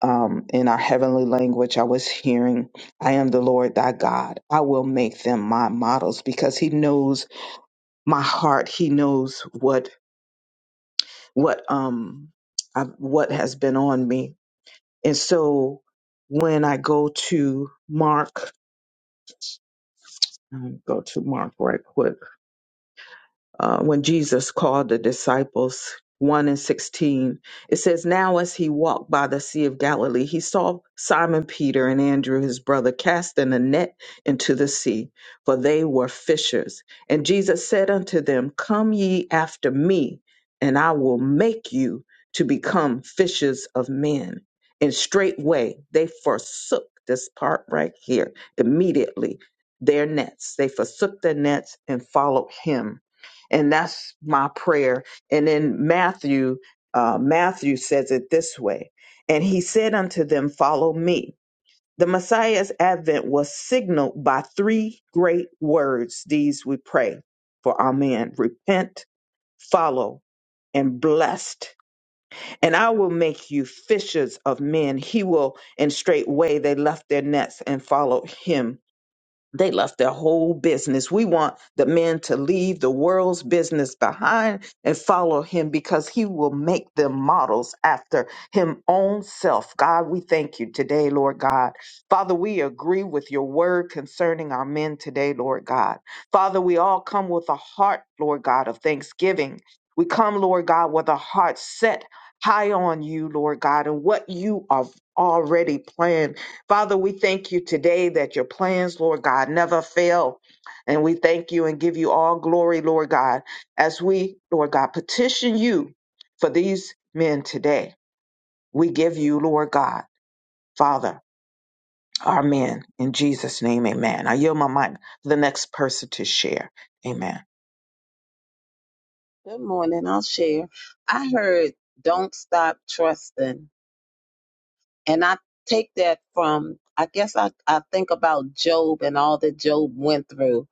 [SPEAKER 1] um, in our heavenly language. I was hearing, "I am the Lord thy God. I will make them my models," because He knows my heart. He knows what what um I, what has been on me, and so when I go to Mark Um, go to Mark right quick uh, when Jesus called the disciples, 1 and 16, it says, Now as he walked by the Sea of Galilee, he saw Simon Peter and Andrew, his brother, casting a net into the sea, for they were fishers. And Jesus said unto them, Come ye after me, and I will make you to become fishers of men. And straightway they forsook this part right here immediately their nets. They forsook their nets and followed him and that's my prayer. And then Matthew, uh, Matthew says it this way And he said unto them, Follow me. The Messiah's advent was signaled by three great words. These we pray for Amen. Repent, follow, and blessed. And I will make you fishers of men. He will, and straightway they left their nets and followed him they left their whole business. We want the men to leave the world's business behind and follow him because he will make them models after him own self. God, we thank you today, Lord God. Father, we agree with your word concerning our men today, Lord God. Father, we all come with a heart, Lord God, of thanksgiving. We come, Lord God, with a heart set high on you, Lord God, and what you have already planned Father, we thank you today that your plans, Lord God, never fail. And we thank you and give you all glory, Lord God, as we, Lord God, petition you for these men today. We give you, Lord God, Father, our men. In Jesus' name, amen. I yield my mic for the next person to share. Amen.
[SPEAKER 4] Good morning. I'll share. I heard don't stop trusting. And I take that from, I guess I, I think about Job and all that Job went through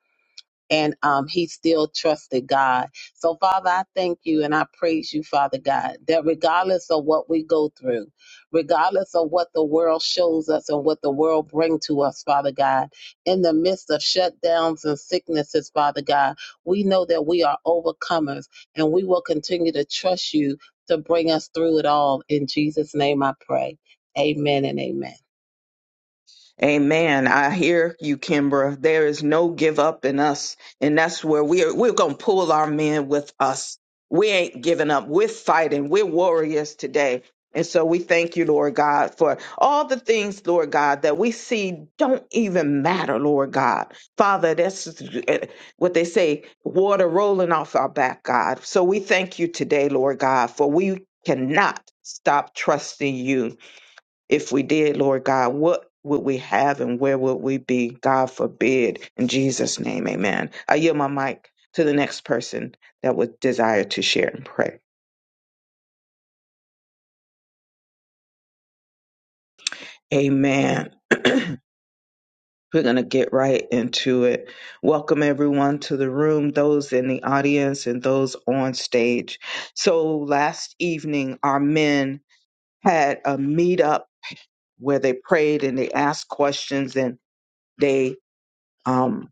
[SPEAKER 4] and um, he still trusted God. So, Father, I thank you and I praise you, Father God, that regardless of what we go through, regardless of what the world shows us and what the world bring to us, Father God, in the midst of shutdowns and sicknesses, Father God, we know that we are overcomers and we will continue to trust you to bring us through it all. In Jesus' name I pray. Amen and amen.
[SPEAKER 1] Amen. I hear you, Kimbra. There is no give up in us. And that's where we are, we're going to pull our men with us. We ain't giving up. We're fighting. We're warriors today. And so we thank you, Lord God, for all the things, Lord God, that we see don't even matter, Lord God. Father, that's eh, what they say, water rolling off our back, God. So we thank you today, Lord God, for we cannot stop trusting you if we did, Lord God, what would we have and where would we be? God forbid. In Jesus' name, amen. I yield my mic to the next person that would desire to share and pray. Amen. *clears throat* We're going to get right into it. Welcome everyone to the room, those in the audience and those on stage. So last evening, our men had a meetup where they prayed and they asked questions and they um.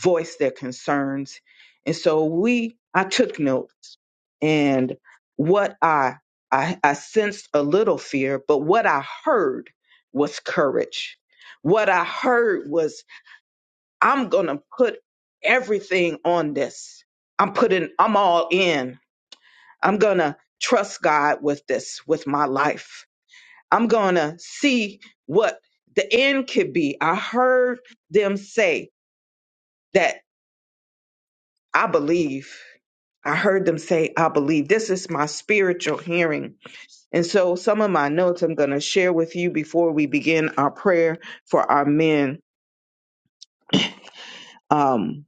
[SPEAKER 1] voice their concerns. And so we, I took notes and what I, I, I sensed a little fear, but what I heard was courage. What I heard was, I'm going to put everything on this. I'm putting, I'm all in. I'm going to trust God with this, with my life. I'm going to see what the end could be. I heard them say, that I believe. I heard them say, I believe. This is my spiritual hearing. And so, some of my notes I'm going to share with you before we begin our prayer for our men. Um,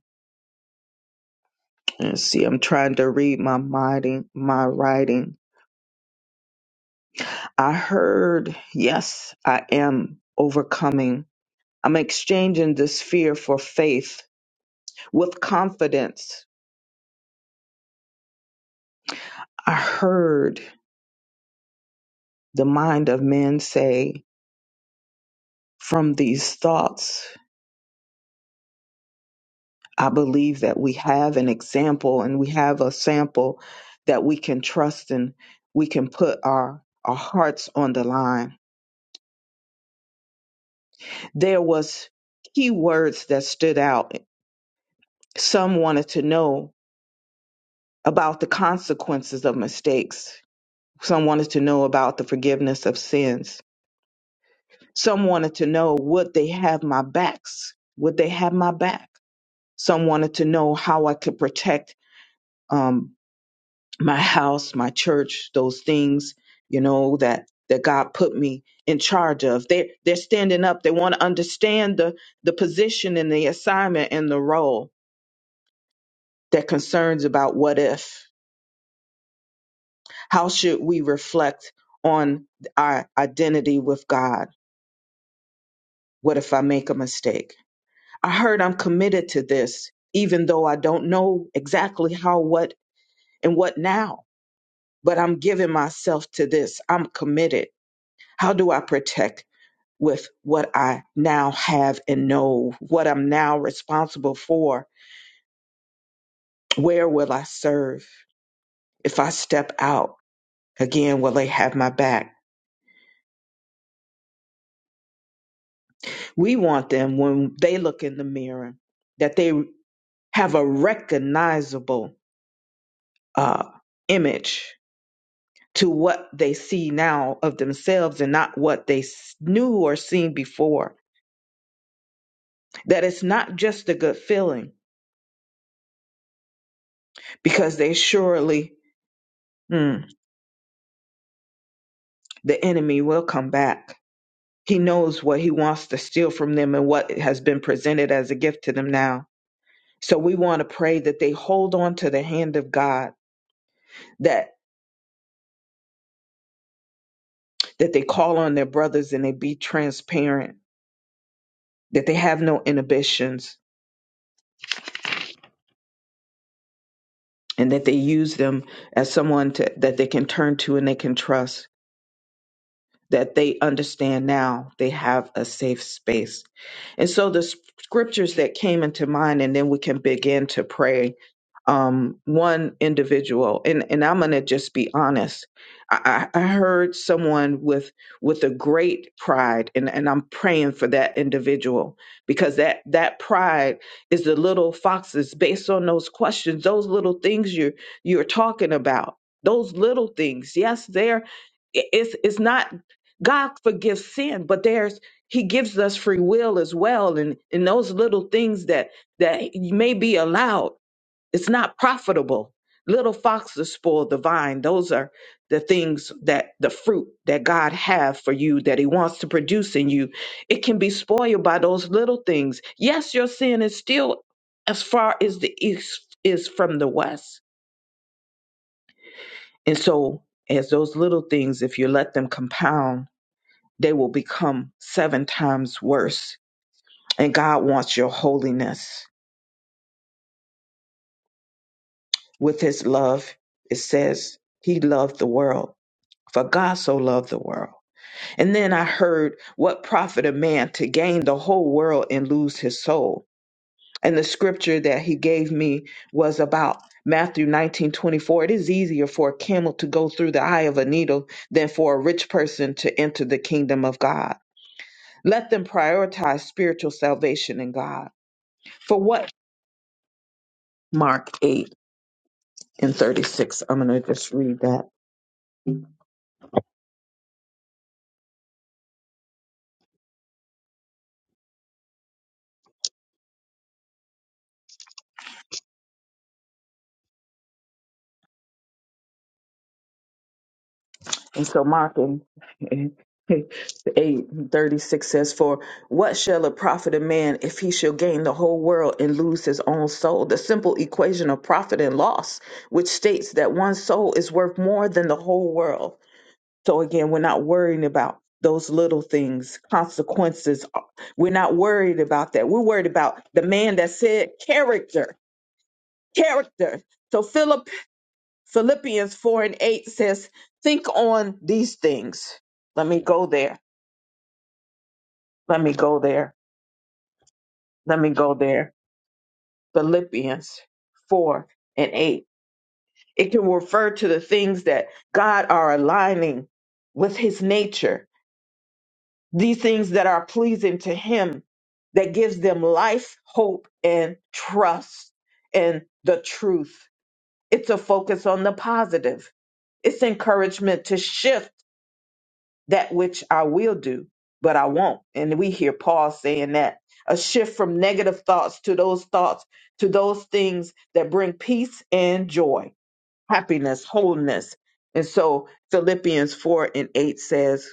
[SPEAKER 1] let's see, I'm trying to read my writing. My writing. I heard, yes, I am overcoming. I'm exchanging this fear for faith with confidence. I heard the mind of men say, from these thoughts. I believe that we have an example and we have a sample that we can trust and we can put our, our hearts on the line. There was key words that stood out. Some wanted to know about the consequences of mistakes. Some wanted to know about the forgiveness of sins. Some wanted to know would they have my backs? Would they have my back? Some wanted to know how I could protect um, my house, my church, those things, you know, that that God put me in charge of. They they're standing up. They want to understand the the position and the assignment and the role that concerns about what if. How should we reflect on our identity with God? What if I make a mistake? I heard I'm committed to this, even though I don't know exactly how, what, and what now. But I'm giving myself to this. I'm committed. How do I protect? with what I now have and know, what I'm now responsible for. Where will I serve? If I step out, again, will they have my back? We want them when they look in the mirror that they have a recognizable uh, image to what they see now of themselves and not what they s- knew or seen before. That it's not just a good feeling because they surely, hmm, the enemy will come back He knows what he wants to steal from them and what has been presented as a gift to them now. So we want to pray that they hold on to the hand of God, that that they call on their brothers and they be transparent, that they have no inhibitions, and that they use them as someone to, that they can turn to and they can trust that they understand now they have a safe space. And so the s- scriptures that came into mind, and then we can begin to pray. Um, one individual, and, and I'm gonna just be honest. I, I I heard someone with with a great pride, and, and I'm praying for that individual because that that pride is the little foxes based on those questions, those little things you you're talking about, those little things. Yes, they're it- it's it's not God forgives sin, but there's He gives us free will as well, and and those little things that that may be allowed, it's not profitable. Little foxes spoil the vine. Those are the things that the fruit that God have for you that He wants to produce in you. It can be spoiled by those little things. Yes, your sin is still as far as the east is from the west, and so as those little things, if you let them compound they will become seven times worse. And God wants your holiness. With his love, it says he loved the world. For God so loved the world. And then I heard, What profit a man to gain the whole world and lose his soul? And the scripture that he gave me was about Matthew nineteen twenty four. It is easier for a camel to go through the eye of a needle than for a rich person to enter the kingdom of God. Let them prioritize spiritual salvation in God. For what? Mark 8 and 36. I'm going to just read that. And so Mark and, *laughs* 8 and 36 says, For what shall it profit a man if he shall gain the whole world and lose his own soul? The simple equation of profit and loss, which states that one soul is worth more than the whole world. So again, we're not worrying about those little things, consequences. We're not worried about that. We're worried about the man that said character, character. So Philip Philippians 4 and 8 says, Think on these things. Let me go there. Let me go there. Let me go there. Philippians 4 and 8. It can refer to the things that God are aligning with his nature, these things that are pleasing to him, that gives them life, hope, and trust and the truth. It's a focus on the positive. It's encouragement to shift that which I will do, but I won't. And we hear Paul saying that a shift from negative thoughts to those thoughts, to those things that bring peace and joy, happiness, wholeness. And so Philippians 4 and 8 says,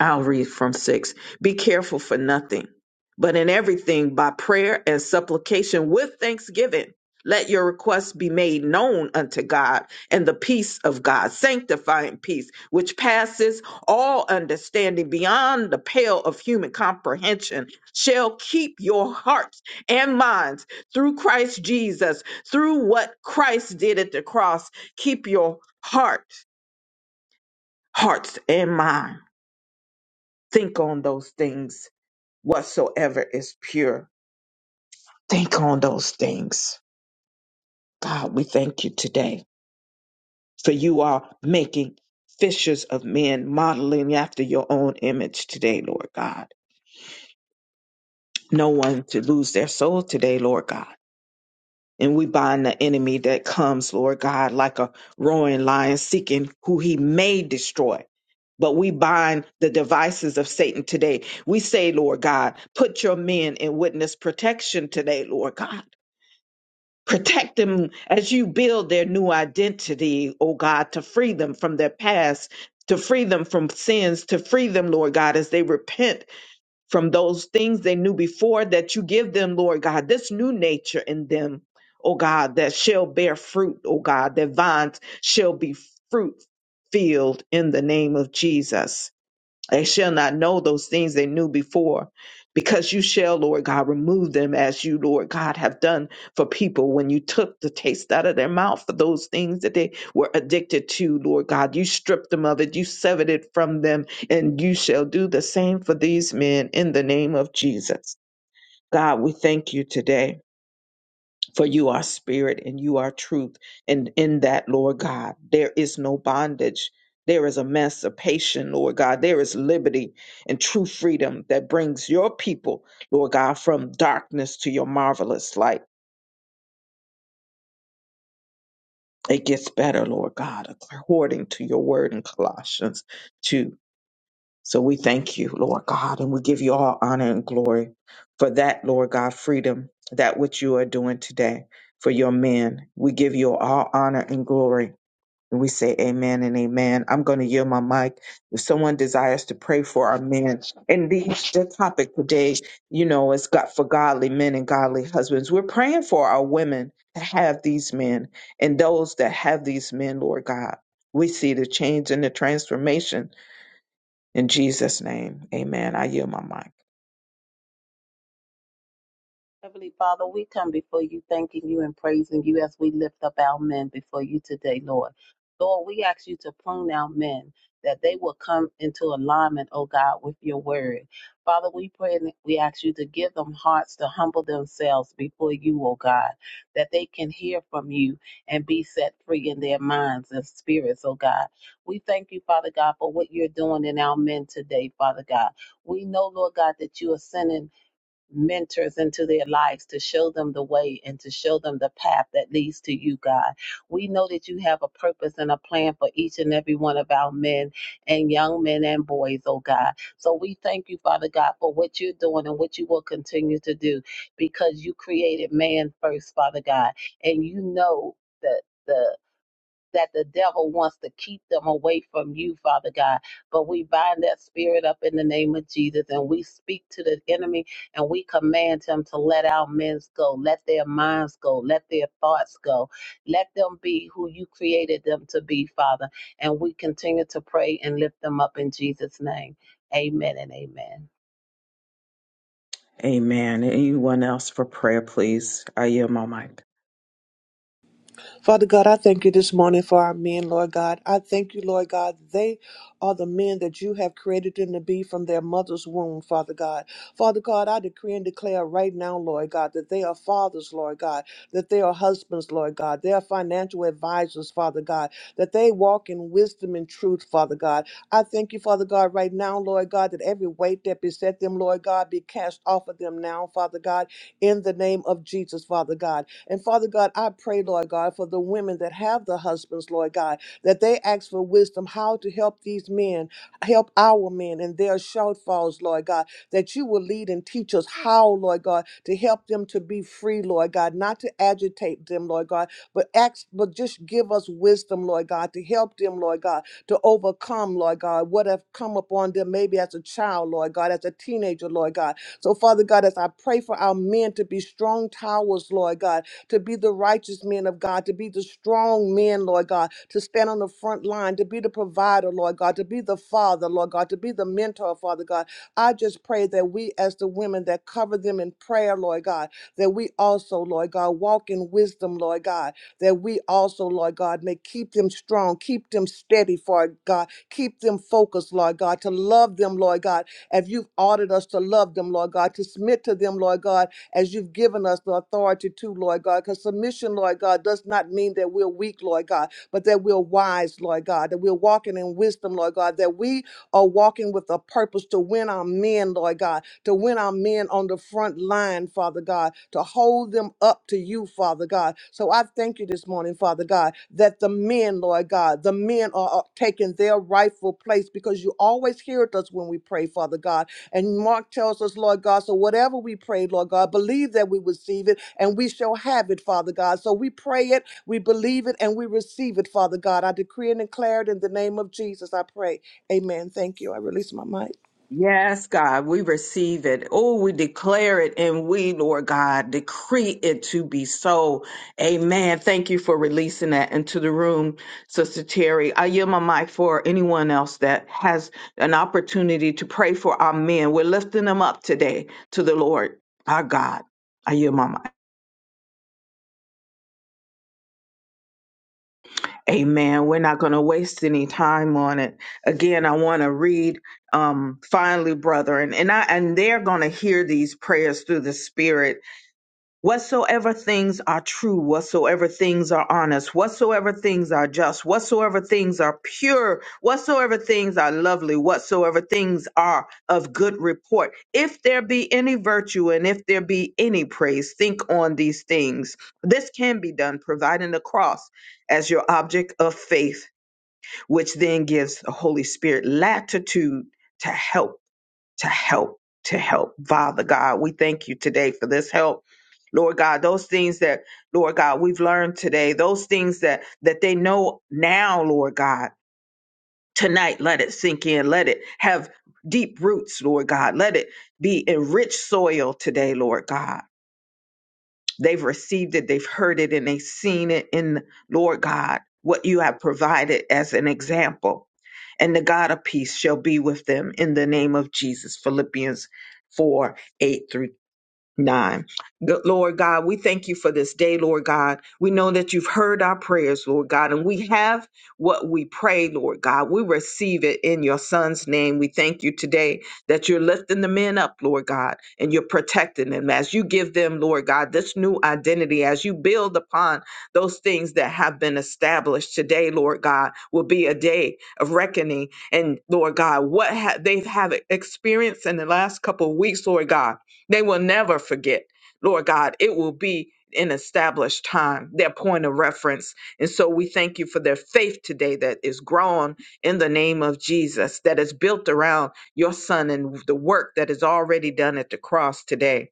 [SPEAKER 1] I'll read from six. Be careful for nothing, but in everything by prayer and supplication with thanksgiving. Let your requests be made known unto God, and the peace of God, sanctifying peace, which passes all understanding beyond the pale of human comprehension, shall keep your hearts and minds through Christ Jesus, through what Christ did at the cross. Keep your heart, hearts, and mind. Think on those things whatsoever is pure. Think on those things. God, we thank you today for you are making fishers of men, modeling after your own image today, Lord God. No one to lose their soul today, Lord God. And we bind the enemy that comes, Lord God, like a roaring lion seeking who he may destroy. But we bind the devices of Satan today. We say, Lord God, put your men in witness protection today, Lord God Protect them as you build their new identity, O God, to free them from their past, to free them from sins, to free them, Lord God, as they repent from those things they knew before that you give them, Lord God, this new nature in them, O God, that shall bear fruit, O God, that vines shall be fruit filled in the name of Jesus. They shall not know those things they knew before, because you shall, Lord God, remove them as you, Lord God, have done for people when you took the taste out of their mouth for those things that they were addicted to, Lord God. You stripped them of it, you severed it from them, and you shall do the same for these men in the name of Jesus. God, we thank you today. For you are spirit and you are truth. And in that, Lord God, there is no bondage. There is emancipation, Lord God. There is liberty and true freedom that brings your people, Lord God, from darkness to your marvelous light. It gets better, Lord God, according to your word in Colossians 2. So we thank you, Lord God, and we give you all honor and glory for that, Lord God, freedom, that which you are doing today for your men. We give you all honor and glory And we say amen and amen. I'm going to yield my mic. If someone desires to pray for our men, and the, the topic today, you know, is God for godly men and godly husbands. We're praying for our women to have these men and those that have these men, Lord God. We see the change and the transformation in Jesus' name. Amen. I yield my mic.
[SPEAKER 4] Heavenly Father, we come before you, thanking you and praising you as we lift up our men before you today, Lord. Lord, we ask you to prune our men that they will come into alignment, oh God, with your word. Father, we pray and we ask you to give them hearts to humble themselves before you, oh God, that they can hear from you and be set free in their minds and spirits, oh God. We thank you, Father God, for what you're doing in our men today, Father God. We know, Lord God, that you are sending mentors into their lives to show them the way and to show them the path that leads to you, God. We know that you have a purpose and a plan for each and every one of our men and young men and boys, oh God. So we thank you, Father God, for what you're doing and what you will continue to do because you created man first, Father God, and you know that that the devil wants to keep them away from you, Father God. But we bind that spirit up in the name of Jesus and we speak to the enemy and we command him to let our men go, let their minds go, let their thoughts go. Let them be who you created them to be, Father. And we continue to pray and lift them up in Jesus' name. Amen and amen.
[SPEAKER 1] Amen. Anyone else for prayer, please? I yield my mic.
[SPEAKER 7] Father God, I thank you this morning for our men, Lord God. I thank you, Lord God. They are the men that you have created them to be from their mother's womb, Father God. Father God, I decree and declare right now, Lord God, that they are fathers, Lord God, that they are husbands, Lord God. They are financial advisors, Father God, that they walk in wisdom and truth, Father God. I thank you, Father God, right now, Lord God, that every weight that beset them, Lord God, be cast off of them now, Father God, in the name of Jesus, Father God. And Father God, I pray, Lord God, for the women that have the husbands, Lord God, that they ask for wisdom how to help these men, help our men and their shortfalls, Lord God, that you will lead and teach us how, Lord God, to help them to be free, Lord God, not to agitate them, Lord God, but ask, but just give us wisdom, Lord God, to help them, Lord God, to overcome, Lord God, what have come upon them maybe as a child, Lord God, as a teenager, Lord God. So, Father God, as I pray for our men to be strong towers, Lord God, to be the righteous men of God, to be the strong men, Lord God, to stand on the front line, to be the provider, Lord God, to be the father, Lord God, to be the mentor, Father God. I just pray that we, as the women that cover them in prayer, Lord God, that we also, Lord God, walk in wisdom, Lord God, that we also, Lord God, may keep them strong, keep them steady, for God, keep them focused, Lord God, to love them, Lord God, if you've ordered us to love them, Lord God, to submit to them, Lord God, as you've given us the authority to, Lord God. Because submission, Lord God, does not mean that we're weak, Lord God, but that we're wise, Lord God, that we're walking in wisdom, Lord God, that we are walking with a purpose to win our men, Lord God, to win our men on the front line, Father God, to hold them up to you, Father God. So I thank you this morning, Father God, that the men, Lord God, the men are are taking their rightful place because you always hear us when we pray, Father God and Mark tells us, Lord God, so whatever we pray, Lord God, believe that we receive it and we shall have it, Father God. So we pray it, we believe it, and we receive it, Father God. I decree and declare it in the name of Jesus. I pray. Amen. Thank you. I release my mic.
[SPEAKER 1] Yes, God, we receive it. Oh, we declare it and we, Lord God, decree it to be so. Amen. Thank you for releasing that into the room, Sister Terry. I yield my mic for anyone else that has an opportunity to pray for our men. We're lifting them up today to the Lord, our God. I yield my mic. Amen. We're not going to waste any time on it. Again, I want to read um finally, brethren, and I and they're going to hear these prayers through the Spirit Whatsoever things are true, whatsoever things are honest, whatsoever things are just, whatsoever things are pure, whatsoever things are lovely, whatsoever things are of good report, if there be any virtue and if there be any praise, think on these things. This can be done, providing the cross as your object of faith, which then gives the Holy Spirit latitude to help to help, to help. Father God, we thank you today for this help. Lord God, those things that, Lord God, we've learned today, those things that that they know now, Lord God, tonight, let it sink in. Let it have deep roots, Lord God. Let it be enriched soil today, Lord God. They've received it, they've heard it, and they've seen it in Lord God, what you have provided as an example. And the God of peace shall be with them in the name of Jesus. Philippians 4 8 through Nine. Good Lord God, we thank you for this day, Lord God. We know that you've heard our prayers, Lord God, and we have what we pray, Lord God. We receive it in your son's name. We thank you today that you're lifting the men up, Lord God, and you're protecting them as you give them, Lord God, this new identity, as you build upon those things that have been established today, Lord God, will be a day of reckoning. And Lord God, what ha- they have experienced in the last couple of weeks, Lord God they will never forget, Lord God. It will be an established time, their point of reference. And so we thank you for their faith today that is grown in the name of Jesus, that is built around your son and the work that is already done at the cross today.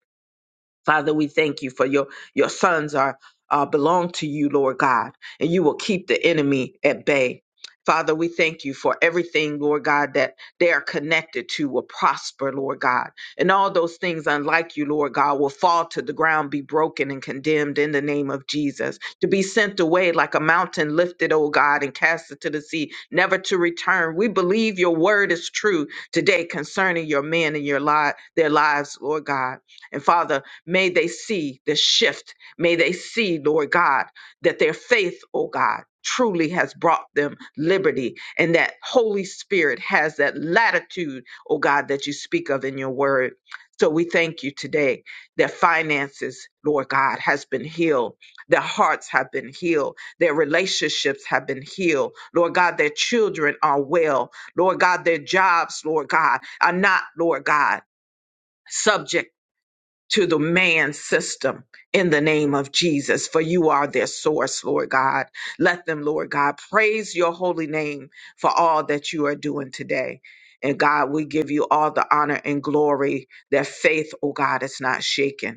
[SPEAKER 1] Father, we thank you for your your sons are uh, belong to you, Lord God, and you will keep the enemy at bay. Father, we thank you for everything, Lord God, that they are connected to will prosper, Lord God. And all those things unlike you, Lord God, will fall to the ground, be broken and condemned in the name of Jesus. To be sent away like a mountain lifted, oh God, and cast it to the sea, never to return. We believe your word is true today concerning your men and your li- their lives, Lord God. And Father, May they see the shift. May they see, Lord God, that their faith, oh God, truly has brought them liberty and that Holy Spirit has that latitude, oh God, that you speak of in your word. So we thank you today that finances, Lord God, has been healed. Their hearts have been healed. Their relationships have been healed. Lord God, their children are well. Lord God, their jobs, Lord God, are not, Lord God, subject to the man system in the name of Jesus, for you are their source, Lord God. Let them, Lord God, praise your holy name for all that you are doing today. And God, we give you all the honor and glory that faith, oh God, is not shaken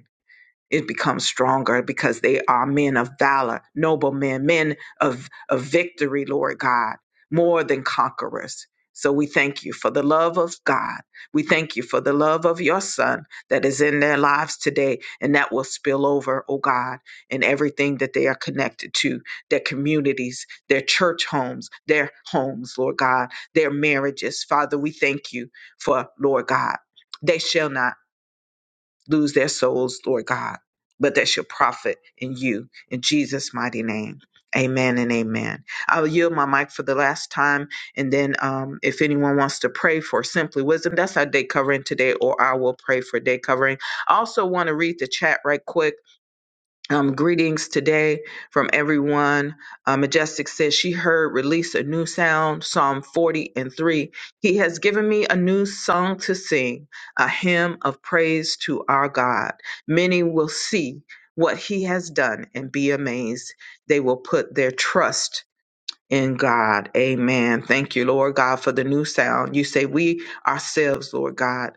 [SPEAKER 1] it becomes stronger because they are men of valor, noble men, men of, of victory, Lord God, more than conquerors. So we thank you for the love of God. We thank you for the love of your son that is in their lives today and that will spill over, oh God, in everything that they are connected to, their communities, their church homes, their homes, Lord God, their marriages. Father, we thank you for, Lord God, they shall not lose their souls, Lord God. But that's your prophet in you, in Jesus' mighty name. Amen and amen. I'll yield my mic for the last time. And then um, if anyone wants to pray for Simply Wisdom, that's our day covering today, or I will pray for day covering. I also want to read the chat right quick. Um, greetings today from everyone. Uh, Majestic says she heard release a new sound, Psalm 40 and 3. He has given me a new song to sing, a hymn of praise to our God. Many will see what he has done and be amazed. They will put their trust in God. Amen. Thank you, Lord God, for the new sound. You say, We ourselves, Lord God,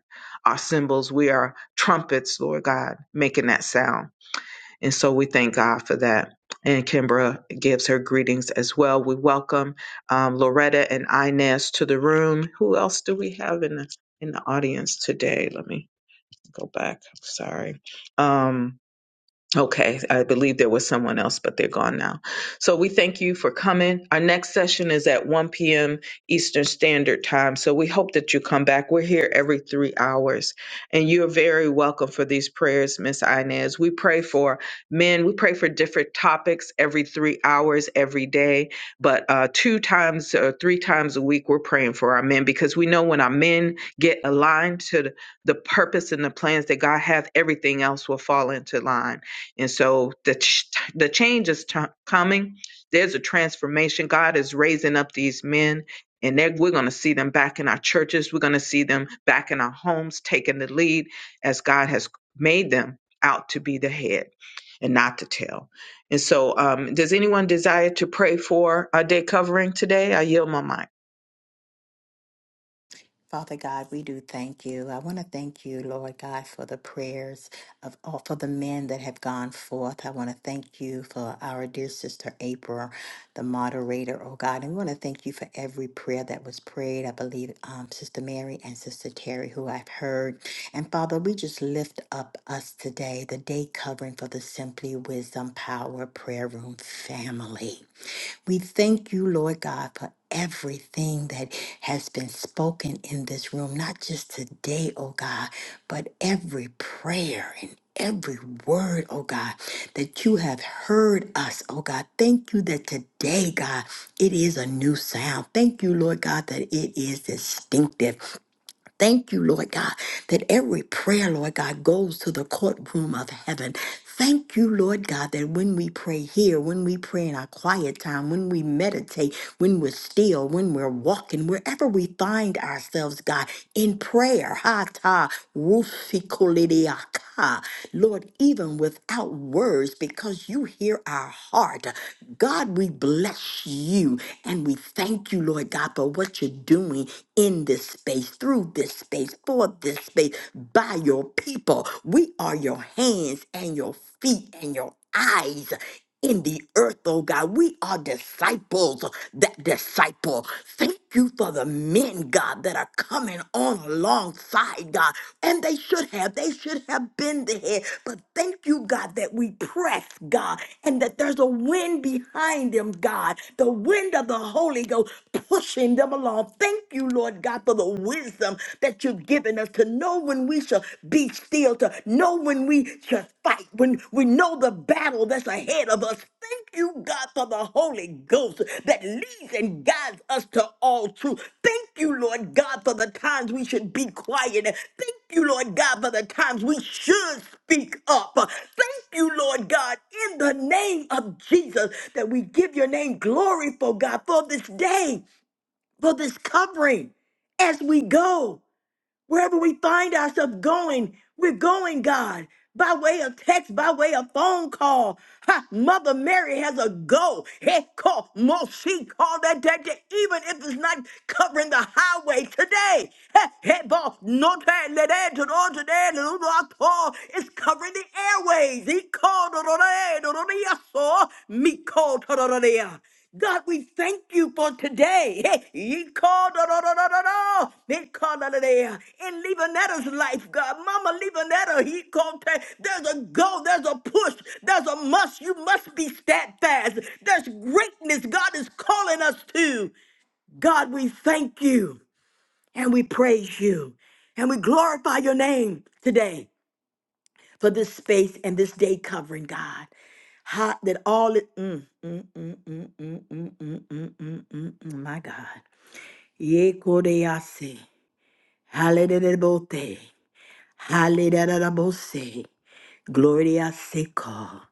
[SPEAKER 1] are symbols. We are trumpets, Lord God, making that sound. And so we thank God for that. And Kimbra gives her greetings as well. We welcome um, Loretta and Inez to the room. Who else do we have in the in the audience today? Let me go back. I'm sorry. Um, Okay, I believe there was someone else, but they're gone now. So we thank you for coming. Our next session is at 1 p.m. Eastern Standard Time. So we hope that you come back. We're here every three hours, and you're very welcome for these prayers, Miss Inez. We pray for men. We pray for different topics every three hours every day, but uh, two times or three times a week, we're praying for our men because we know when our men get aligned to the the purpose and the plans that God have, everything else will fall into line. And so the ch- the change is t- coming. There's a transformation. God is raising up these men, and they're- we're going to see them back in our churches. We're going to see them back in our homes, taking the lead as God has made them out to be the head and not the tail. And so, um, does anyone desire to pray for our day covering today? I yield my mic.
[SPEAKER 5] Father God, we do thank you. I want to thank you, Lord God, for the prayers of all for the men that have gone forth. I want to thank you for our dear sister April, the moderator, oh God. And we want to thank you for every prayer that was prayed. I believe um, Sister Mary and Sister Terry, who I've heard. And Father, we just lift up us today, the day covering for the Simply Wisdom Power Prayer Room family. We thank you, Lord God, for everything that has been spoken in this room, not just today, oh God, but every prayer and every word, oh God, that you have heard us, oh God. Thank you that today, God, it is a new sound. Thank you, Lord God, that it is distinctive. Thank you, Lord God, that every prayer, Lord God, goes to the courtroom of heaven. Thank you, Lord God, that when we pray here, when we pray in our quiet time, when we meditate, when we're still, when we're walking, wherever we find ourselves, God, in prayer, ha ta, rufikolidiaka. Lord, even without words, because you hear our heart. God, we bless you and we thank you, Lord God, for what you're doing in this this space, through this space, for this space, by your people. We are your hands and your feet and your eyes in the earth, oh God. We are disciples that disciple. Thank you for the men, God, that are coming on alongside, God. And they should have, they should have been there. But thank you, God, that we press, God, and that there's a wind behind them, God. The wind of the Holy Ghost pushing them along, Thank you, Lord God, for the wisdom that you've given us to know when we shall be still, to know when we shall fight, when we know the battle that's ahead of us. Thank you, God, for the Holy Ghost that leads and guides us to all truth. Thank you, Lord God, for the times we should be quiet. Thank you, Lord God, for the times we should speak up. Thank you, Lord God, in the name of Jesus, that we give your name glory for God for this day for this covering as we go. Wherever we find ourselves going, we're going, God, by way of text, by way of phone call. Ha, Mother Mary has a go. Hey, call, mo- she called that day, day, even if it's not covering the highway today. Hey, hey, boss, no time, let that, to the- to that, to the- to the- to It's covering the airways. He called, to the- to the- to the- to the- so, me called, to the- to the- God, we thank you for today. Hey, you called no, no, no, no, no, no. They called out of there. In Leonetta's life, God, Mama Leonetta, he called her. There's a go, there's a push, there's a must. You must be steadfast. There's greatness God is calling us to. God, we thank you and we praise you and we glorify your name today for this space and this day covering, God. How, that all it, mm, mm, mm, mm, mm, mm, mm, mm, mm, mm, mm, mm, my God. Ye kodease, halelelebote, halelelelebose, gloria seco,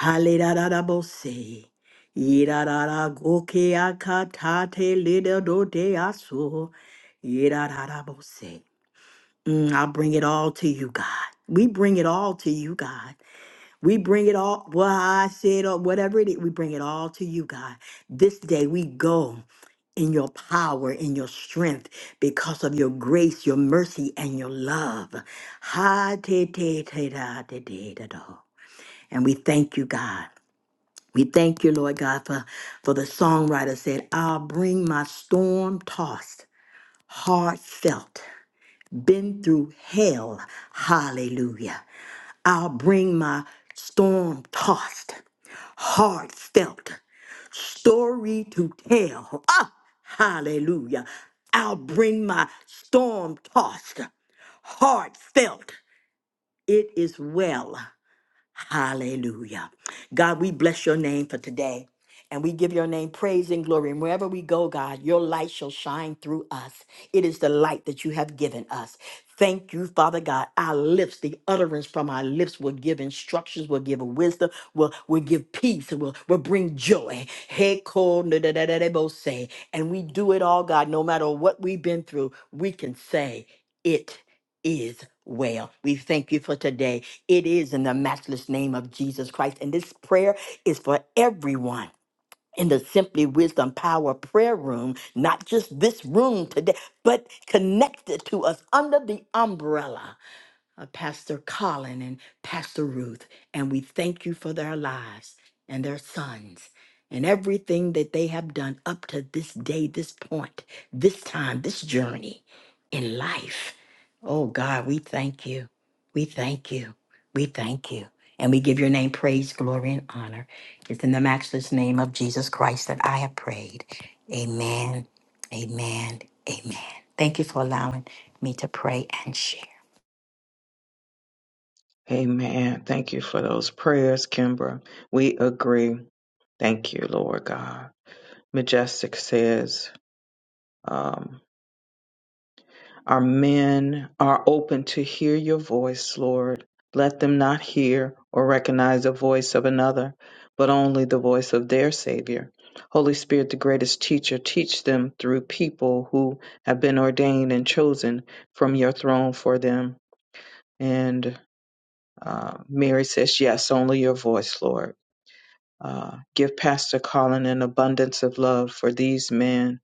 [SPEAKER 5] halelelelebose, yirarara goke akatate lidodote aso, yirararabose. Mm, I bring it all to you, God. We bring it all to you, God. We bring it all, what I said or whatever it is, we bring it all to you, God. This day we go in your power, in your strength, because of your grace, your mercy, and your love. Ha te te te da te te da do. And we thank you, God. We thank you, Lord God, for, for the songwriter said, I'll bring my storm tossed, hard felt, been through hell. Hallelujah. I'll bring my storm tossed heartfelt story to tell. Ah, hallelujah. I'll bring my storm tossed, heartfelt. It is well. Hallelujah. God, we bless your name for today. And we give your name praise and glory. And wherever we go, God, your light shall shine through us. It is the light that you have given us. Thank you, Father God. Our lips, the utterance from our lips will give instructions, will give wisdom, will, will give peace, and will, will bring joy. Hey, ko, na, da, da, da, da, bo, say. And we do it all, God, no matter what we've been through, we can say, It is well. We thank you for today. It is in the matchless name of Jesus Christ. And this prayer is for everyone in the Simply Wisdom Power Prayer Room, not just this room today, but connected to us under the umbrella uh, Pastor Colin and Pastor Ruth, and we thank you for their lives and their sons and everything that they have done up to this day, this point, this time, this journey in life. Oh God, we thank you. We thank you. We thank you. And we give your name praise, glory, and honor. It's in the matchless name of Jesus Christ that I have prayed. Amen. Amen. Amen. Thank you for allowing me to pray and share.
[SPEAKER 1] Amen. Thank you for those prayers, Kimbra. We agree. Thank you, Lord God. Majestic says. um, Our men are open to hear your voice, Lord. Let them not hear or recognize the voice of another, but only the voice of their Savior. Holy Spirit, the greatest teacher, teach them through people who have been ordained and chosen from your throne for them. And uh, Mary says, Yes, only your voice, Lord. Uh, give Pastor Colin an abundance of love for these men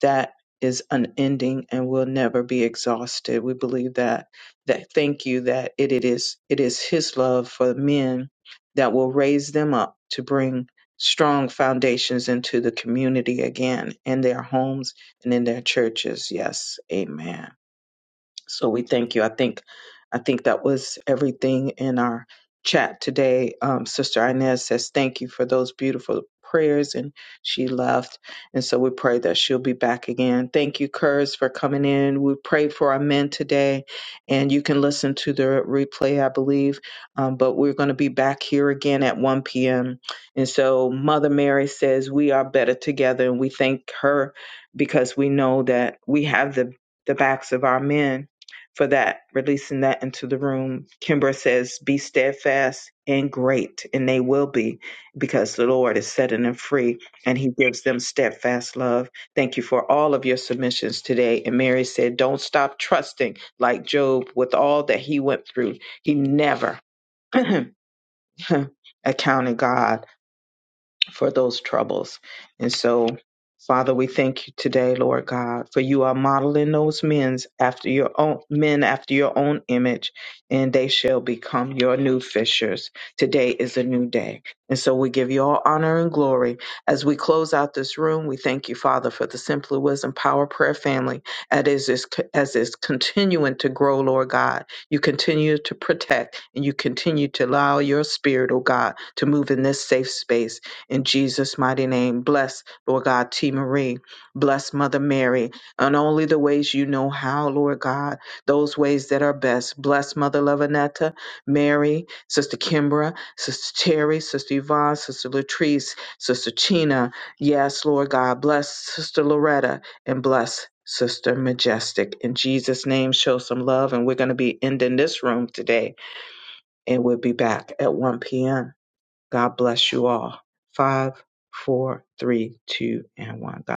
[SPEAKER 1] that is unending and will never be exhausted. We believe that that thank you that it, it is it is his love for men that will raise them up to bring strong foundations into the community again in their homes and in their churches. Yes. Amen. So we thank you. I think I think that was everything in our chat today. Um, Sister Inez says thank you for those beautiful prayers, and she left. And so we pray that she'll be back again. Thank you, Kurz, for coming in. We prayed for our men today, and you can listen to the replay, I believe. Um, but we're going to be back here again at 1 p.m. And so Mother Mary says we are better together, and we thank her because we know that we have the the backs of our men for that, releasing that into the room. Kimbra says, Be steadfast and great, and they will be, because the Lord is setting them free and He gives them steadfast love. Thank you for all of your submissions today. And Mary said, Don't stop trusting like Job with all that he went through. He never *clears throat* accounted God for those troubles. And so, Father, we thank you today, Lord God, for you are modeling those men after your own men after your own image, and they shall become your new fishers. Today is a new day. And so we give you all honor and glory. As we close out this room, we thank you, Father, for the Simply Wisdom Power Prayer family. As is is- as is continuing to grow, Lord God, you continue to protect and you continue to allow your spirit, oh God, to move in this safe space in Jesus' mighty name, bless Lord God T. Marie, bless Mother Mary, and only the ways you know how, Lord God, those ways that are best. Bless Mother Lavinetta, Mary, Sister Kimbra, Sister Terry, Sister Yvonne, Sister Latrice, Sister Tina. Yes, Lord God, bless Sister Loretta and bless Sister Majestic. In Jesus' name, show some love. And we're going to be ending this room today, and we'll be back at 1 p.m. God bless you all. Five, four, three, two, and one. God.